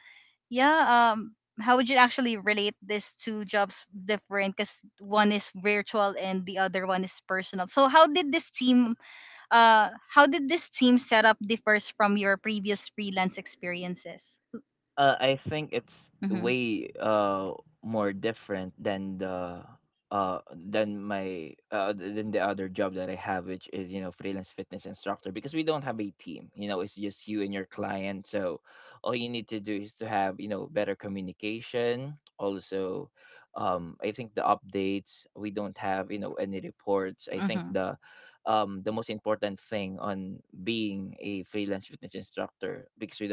S1: yeah, how would you actually relate these two jobs different because one is virtual and the other one is personal? So how did this team, how did this team setup differs from your previous freelance experiences?
S2: I think it's
S1: Mm-hmm.
S2: way more different than the than the other job that I have, which is you know freelance fitness instructor, because we don't have a team. You know, it's just you and your client. So all you need to do is to have you know better communication. Also, I think the updates, we don't have you know any reports. I think
S1: Mm-hmm.
S2: the most important thing on being a freelance fitness instructor,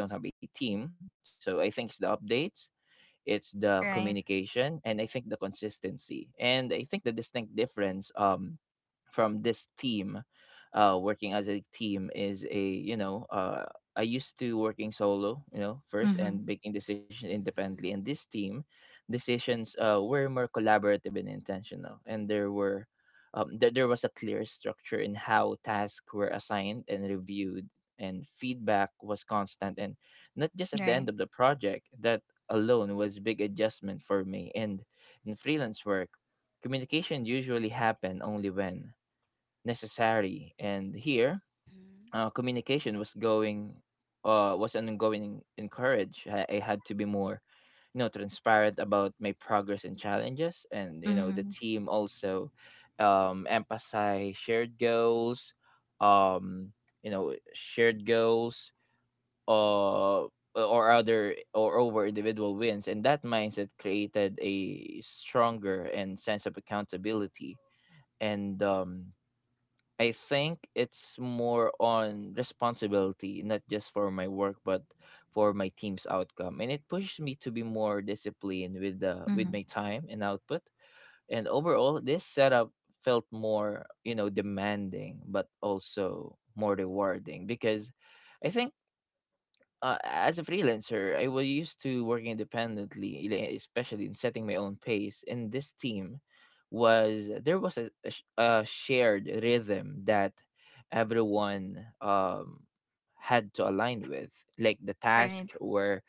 S2: because we don't have a team. So I think it's the updates, it's the
S1: Right.
S2: communication, and I think consistency. And I think the distinct difference from this team working as a team is a you know I used to working solo, you know, first
S1: Mm-hmm.
S2: and making decisions independently. And
S3: Mhm.
S2: this team, decisions were more collaborative and intentional. And there were, there a clear structure in how tasks were assigned and reviewed, and feedback was constant and not just at the
S1: Right.
S2: end of the project alone was big adjustment for me. And in freelance work communication usually happened only when necessary, and here
S3: Mhm.
S2: communication was going was an ongoing encourage. I had to be more you know transparent about my progress and challenges. And you know the
S1: Mm-hmm.
S2: team also emphasize shared goals um you know shared goals uh or other or over individual wins, and that mindset created a stronger and sense of accountability. And I think it's more on responsibility, not just for my work but for my team's outcome, and it pushes me to be more disciplined with the with
S1: Mm-hmm.
S2: my time and output. And overall this setup felt more you know demanding but also more rewarding because I think as a freelancer, I was used to working independently, like, especially in setting my own pace. And this team was there was a shared rhythm that everyone had to align with. Like the tasks
S1: Right.
S2: were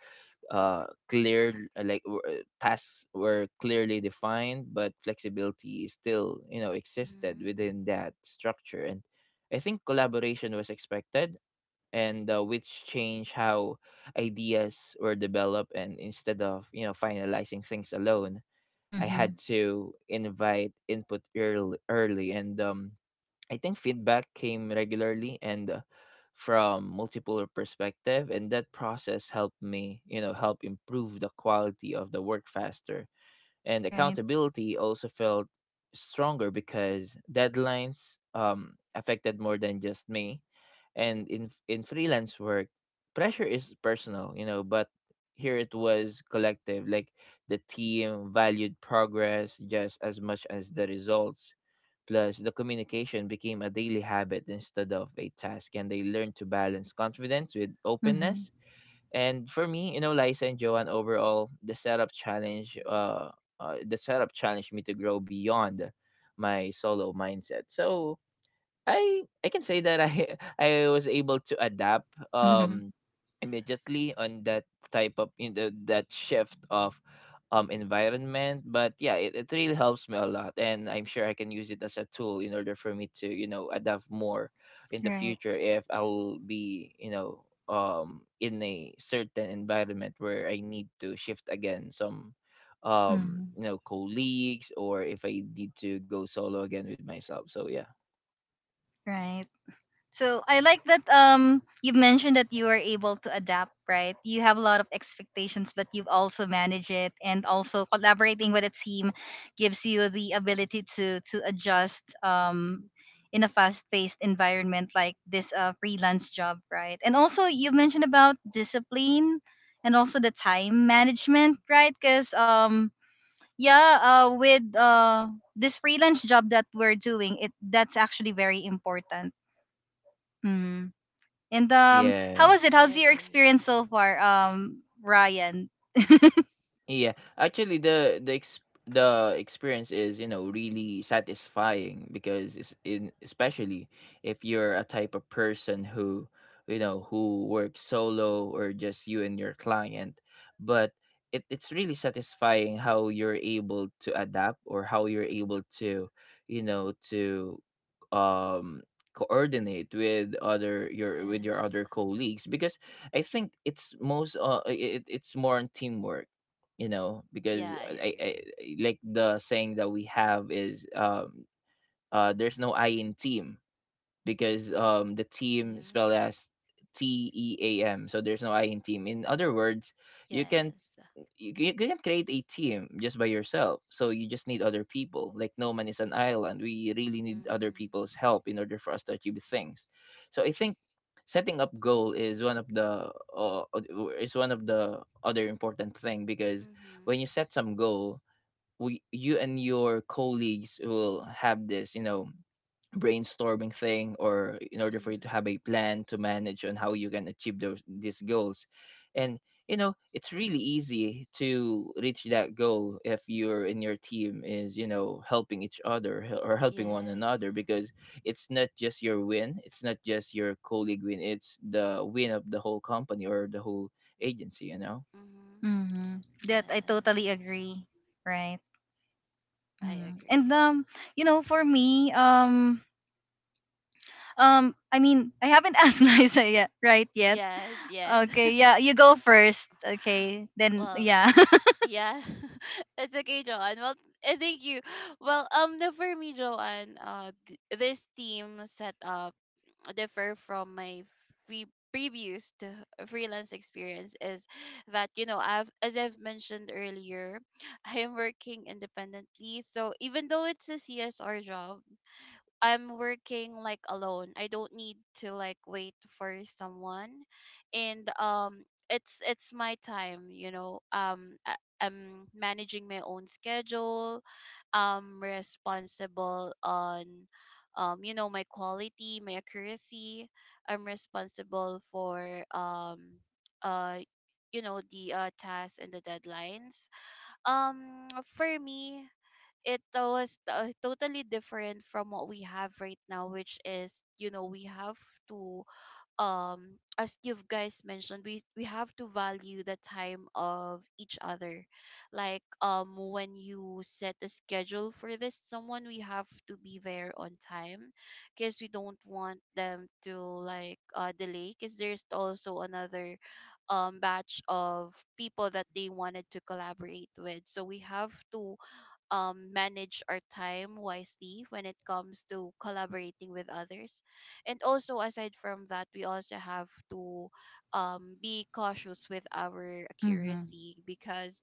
S2: uh, clear, tasks were clearly defined, but flexibility still you know existed
S3: Mhm.
S2: within that structure. And I think collaboration was expected, and which change how ideas were developed, and instead of you know finalizing things alone I had
S1: Mm-hmm.
S2: to invite input early. And I think feedback came regularly and from multiple perspective, and that process helped me help improve the quality of the work faster. And
S1: Right.
S2: accountability also felt stronger because deadlines affected more than just me. And in freelance work pressure is personal, you know, but here it was collective. Like, the team valued progress just as much as the results. Plus, the communication became a daily habit instead of a task, and they learned to balance confidence with
S1: Mm-hmm.
S2: openness. And for me, you know, Liza and Joanne, overall,
S3: Mhm.
S2: the setup challenged me to grow beyond my solo mindset. So I can say that I I was able to adapt
S1: Mm-hmm.
S3: Yes.
S2: immediately on that type of that shift of environment. But yeah, it really helps me a lot, and I'm sure I can use it as a tool in order for me to, you know, adapt more in the
S1: Right.
S2: future if I'll be, you know, in a certain environment where I need to shift again some,
S1: Mm-hmm.
S2: you know, colleagues, or if I need to go solo again with myself. So yeah.
S1: Right. So I like that you mentioned that you are able to adapt, right? You have a lot of expectations, but you've also managed it, and also collaborating with a team gives you the ability to adjust in a fast-paced environment like this freelance job, right? And also you mentioned about discipline and also the time management, right? Cuz yeah, with this freelance job that we're doing, it that's actually very important. Mm-hmm. And how was
S3: Yeah,
S1: it?
S3: I
S2: Yes.
S1: How's your
S3: agree.
S1: experience so far, Ryan?
S2: Yeah, actually, the experience is, you know, really satisfying, because it's in, especially if you're a type of person who, you know, who works solo or just you and your client. But it's really satisfying how you're able to adapt, or how you're able to, you know, to um coordinate with other your with your
S3: Yes.
S2: other colleagues, because I think it's most it's more on teamwork, you know, because
S3: Yeah, I agree.
S2: like the saying that we have is there's no I in team. Because the team
S3: Mhm.
S2: spelled as TEAM, so there's no I in team. In other words, you can
S3: Yes.
S2: you can create a team just by yourself. So you just need other people. Like, no man is an island. We really need other
S3: Mhm.
S2: people's help in order for us to achieve things. So I think setting up goal is one of the is one of the other important thing, because
S3: Mhm.
S2: when you set some goal, you and your colleagues will have this, you know, brainstorming thing, or in order for you to
S3: Mm.
S2: have a plan to manage on how you can achieve those these goals. And, you know, it's really easy to reach that goal if you're in your team is, you know, helping each other, or helping one
S3: Yes.
S2: another. Because it's not just your win, it's not just your colleague win, it's the win of the whole company or the whole agency, you know.
S3: Mhm.
S1: Mm-hmm. That I
S3: Yes.
S1: totally agree, right?
S3: Yeah, I
S1: Mm. And
S3: agree.
S1: for me, I mean, I haven't asked Liza yet, right? Yet.
S3: Yes, yes.
S1: Okay, yeah, you go first. Okay, then,
S3: Well,
S1: yeah.
S3: yeah. It's okay, Joanne. Well, thank you. Well, no, for me, Joanne, this team setup differ from my free previous t- freelance experience is that, you know, I've, as I've mentioned earlier, I am working independently, so even though it's a CSR job, I'm working like alone. I don't need to like wait for someone. And it's my time. You know, I'm managing my own schedule. I'm responsible on, you know, my quality, my accuracy. I'm responsible for uh, you know, the tasks and the deadlines. For me, it was totally different from what we have right now, which is, you know, we have to as you guys mentioned, we have to value the time of each other. Like when you set a schedule for this someone, we have to be there on time, because we don't want them to like delay, because there's also another
S2: Mhm.
S3: batch of people that they wanted to collaborate with. So we have to manage our time wisely when it comes to collaborating with others. And also, aside from that, we also have to be cautious with our
S1: Mm-hmm.
S3: accuracy. Because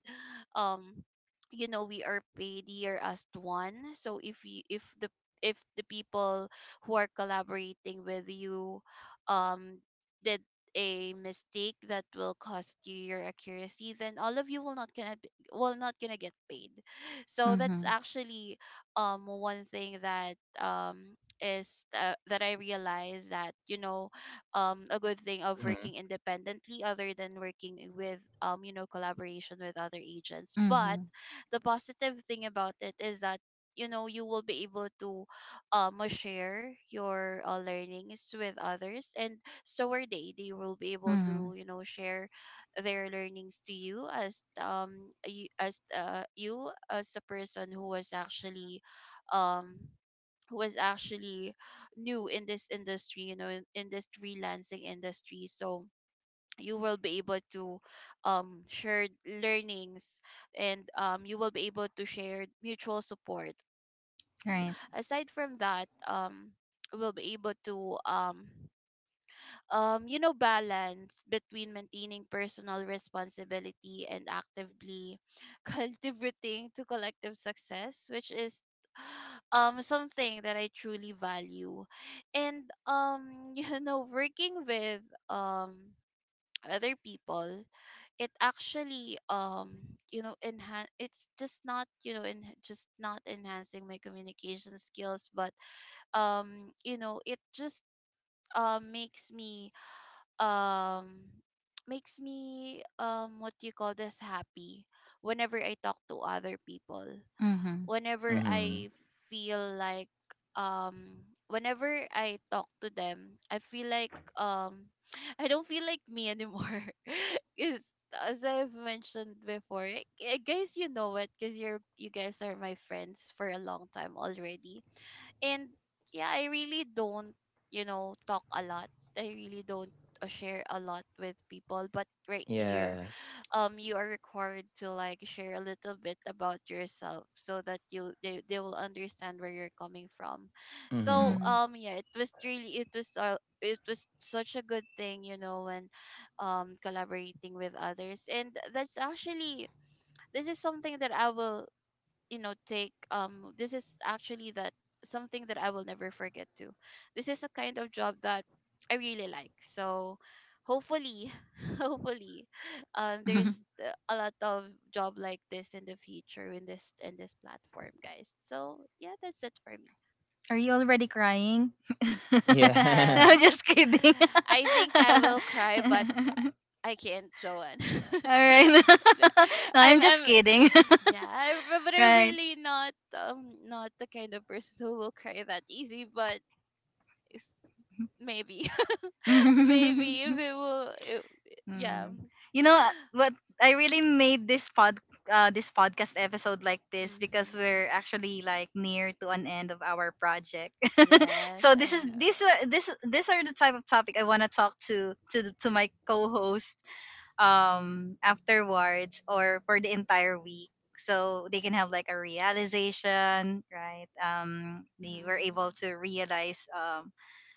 S3: um you know, we are paid here as one. So if you if the people who are collaborating with you um did a mistake, that will cost you your accuracy, then all of you will not gonna be, will not gonna get paid. So that's
S1: Mm-hmm.
S3: actually one thing that
S2: Mhm.
S3: is that I realized. That, you know, a good thing of working independently other than working with, you know, collaboration with other agents. But
S1: Mm-hmm.
S3: the positive thing about it is
S2: Mhm.
S3: that, you know, you will be able to share your learnings with others. And so are they will be able
S1: Mm-hmm.
S3: to, you know, share their learnings to you. As you as a person who um was actually new in this industry, you know, in this freelancing industry. So you will be able to share learnings. And you will be able to share mutual support. And
S1: Right.
S3: aside from that, we'll be able to you know, balance between maintaining personal responsibility and actively contributing to collective success, which is something that I truly value. And you know, working with um other people, it actually you know enhance, it's just not, you know, in just not enhancing my communication skills, but you know, it just makes me um what do you call this, happy, whenever I talk to other people.
S1: Mm-hmm.
S3: Whenever
S2: Mm-hmm.
S3: I feel like whenever I talk to them, I feel like I don't feel like me anymore. Because as I've mentioned before, I guess you know it, because you guys are my friends for a long time already. And yeah, I really don't, you know, talk a lot. I really don't share a lot with people. But right here,
S2: Yes.
S3: you are required to like share a little bit about yourself, so that you they will understand where you're coming from. So
S2: Mm-hmm.
S1: Mm-hmm.
S3: yeah, it was really, it was such a good thing, you know, when collaborating with others. And that's actually, this is something that I will, you know, take. This is actually that, something that I will never forget too. This is a kind of job that I really like. So hopefully, hopefully there's a lot of job like this in the future, in this, in this platform, guys. So yeah, that's it for me.
S1: Are you already crying?
S2: Yeah.
S1: I'm
S3: Yes.
S1: just kidding.
S3: I think I will cry, but I can't, Joanne.
S1: All right. No, I'm just
S3: I'm
S1: kidding.
S3: yeah, I'm but I'm
S1: Right.
S3: really not not the kind of person who will cry that easy, but it's, maybe maybe if it will it, yeah.
S1: Mm. You know what? I really made this podcast episode like this because
S3: Mm-hmm.
S1: we're actually like near to an end of our project.
S3: Yes,
S1: So this
S3: I
S1: is these
S3: know.
S1: are this these are the type of topic I want to talk to my co-host afterwards or for the entire week, so they can have like a realization, right? They were able
S3: Mm-hmm.
S1: to realize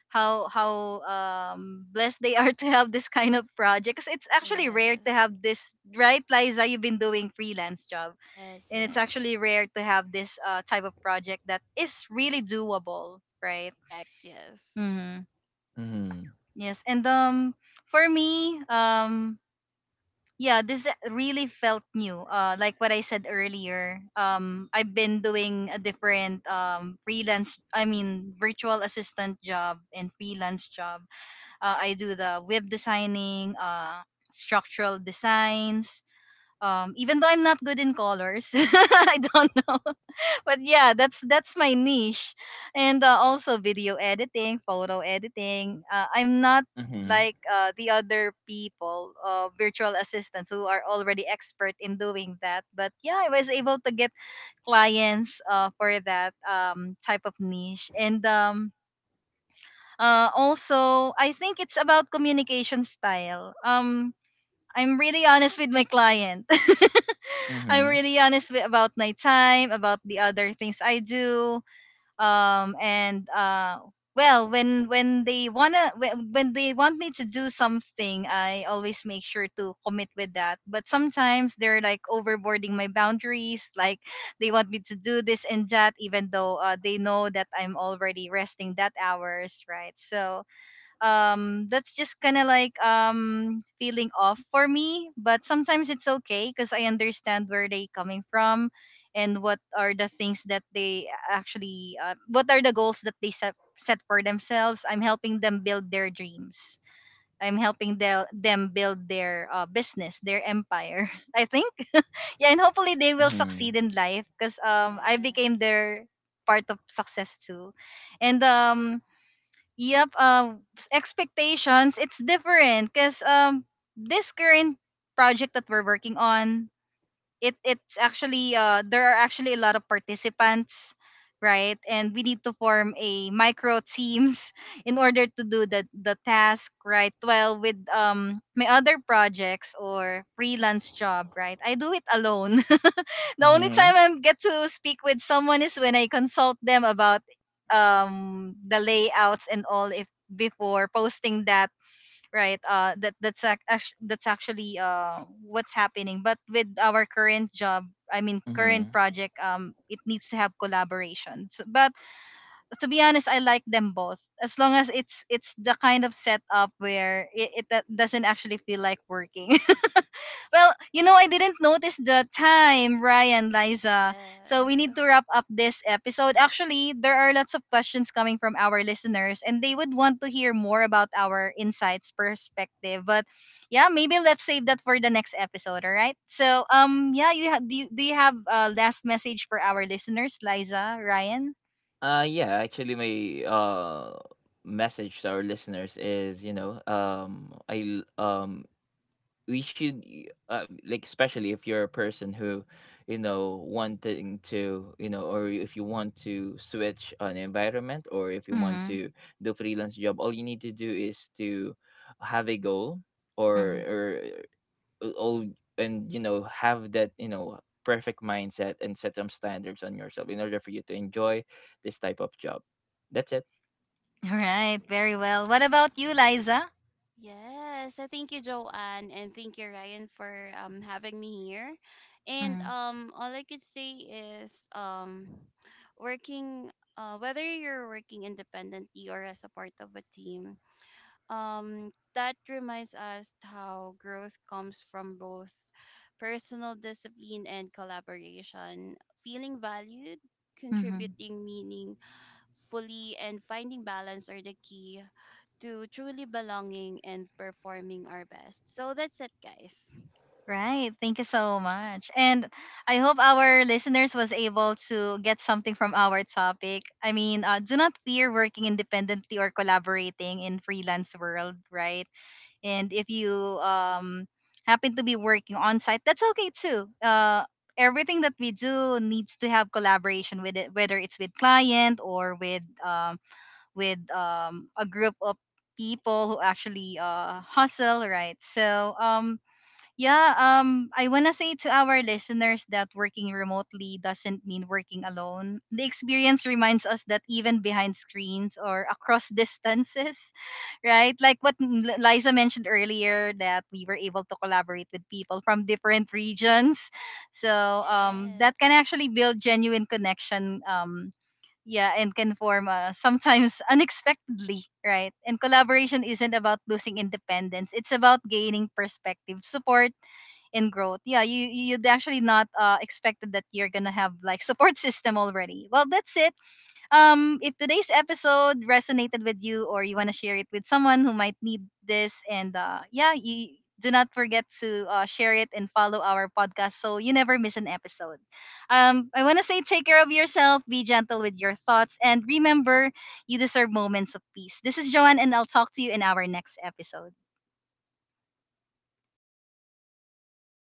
S1: how blessed they are to have this kind of project because it's actually rare to
S3: Yes.
S1: have this, right, Liza? You've been doing freelance job,
S3: Yes,
S1: and it's
S3: yes.
S1: actually rare to have this type of project that is really doable, right?
S3: Correct, yes.
S1: Mm-hmm.
S2: Mm-hmm.
S1: Yes. And for me, yeah, this really felt new, like what I said earlier, I've been doing a different freelance, I mean, virtual assistant job and freelance job. I do the web designing, structural designs, even though I'm not good in colors I don't know, but yeah, that's my niche. And also video editing, photo editing. I'm not
S2: Mm-hmm.
S1: like the other people, virtual assistants, who are already expert in doing that, but yeah, I was able to get clients for that type of niche. And also I think it's about communication style. I'm really honest with my client I'm
S2: Mm-hmm.
S1: really honest about my time, about the other things I do, and well, when when they want me to do something, I always make sure to commit with that, but sometimes they're like overboarding my boundaries, like, they want me to do this and that, even though, they know that I'm already resting that hours, right? So that's just kind of like feeling off for me, but sometimes it's okay because I understand where they coming from, and what are the things that they actually, what are the goals that they set for themselves. I'm helping them build their dreams. I'm helping them build their business, their empire I think. Yeah, and hopefully they will
S2: Mm-hmm.
S1: succeed in life because I became
S3: Yes.
S1: their part of success too. And yep, expectations, it's different because this current project that we're working on, it's actually, there are actually a lot of participants, right? And we need to form a micro teams in order to do the task, right? Well, with my other projects or freelance job, right? I do it alone. The only
S2: Mm-hmm.
S1: time I get to speak with someone is when I consult them about the layouts and all if before posting that, right? That's actually what's happening, but with our current job, I mean, current
S2: Mm-hmm.
S1: project, it needs to have collaborations. But to be honest, I like them both as long as it's the kind of setup where doesn't actually feel like working. Well, I didn't notice the time, Ryan, Liza. So we
S3: Yes.
S1: need to wrap up this episode. Actually, there are lots of questions coming from our listeners, and they would want to hear more about our insights perspective. But yeah, maybe let's save that for the next episode. All right. So yeah, do. Do you have a last message for our listeners, Liza, Ryan?
S2: Yeah, actually, my message to our listeners is, you know, we should like, especially if you're a person who, you know, wanting to, you know, or if you want to switch an environment, or if you want
S1: Mm-hmm.
S2: to do freelance job, all you need to do is to have a goal, or
S1: Mm-hmm.
S2: or all and you know, have that, you know, perfect mindset, and set some standards on yourself in order for you to enjoy this type of job. That's it.
S1: All right. Very well. What about you, Liza?
S3: Yes, I thank you, Joanne, and thank you, Ryan, for having me here. And all I could say is working whether you're working independently or as a part of a team, that reminds us how growth comes from both personal discipline and collaboration. Feeling valued,
S1: Mm-hmm.
S3: contributing meaning fully and finding balance are the key to truly belonging and performing our best. So that's it, guys.
S1: Right. Thank you so much. And I hope our listeners was able to get something from our topic. I mean, do not fear working independently or collaborating in freelance world, right? And if you um happen to be working on site, that's okay too. Everything that we do needs to have collaboration with it, whether it's with client or with a group of people who actually hustle, right? So, yeah, I want to say to our listeners that working remotely doesn't mean working alone. The experience reminds us that even behind screens or across distances, right? Like what Liza mentioned earlier, that we were able to collaborate with people from different regions. So
S3: Yes.
S1: that can actually build genuine connection. Yeah, and can form, sometimes unexpectedly, right? And collaboration isn't about losing independence; it's about gaining perspective, support, in growth. Yeah, you'd actually not expected that you're gonna have like support system already. Well, that's it. If today's episode resonated with you, or you want to share it with someone who might need this, and yeah, you do not forget to share it and follow our podcast so you never miss an episode. I want to say, take care of yourself, be gentle with your thoughts, and remember, you deserve moments of peace. This is Joanne, and I'll talk to you in our next episode.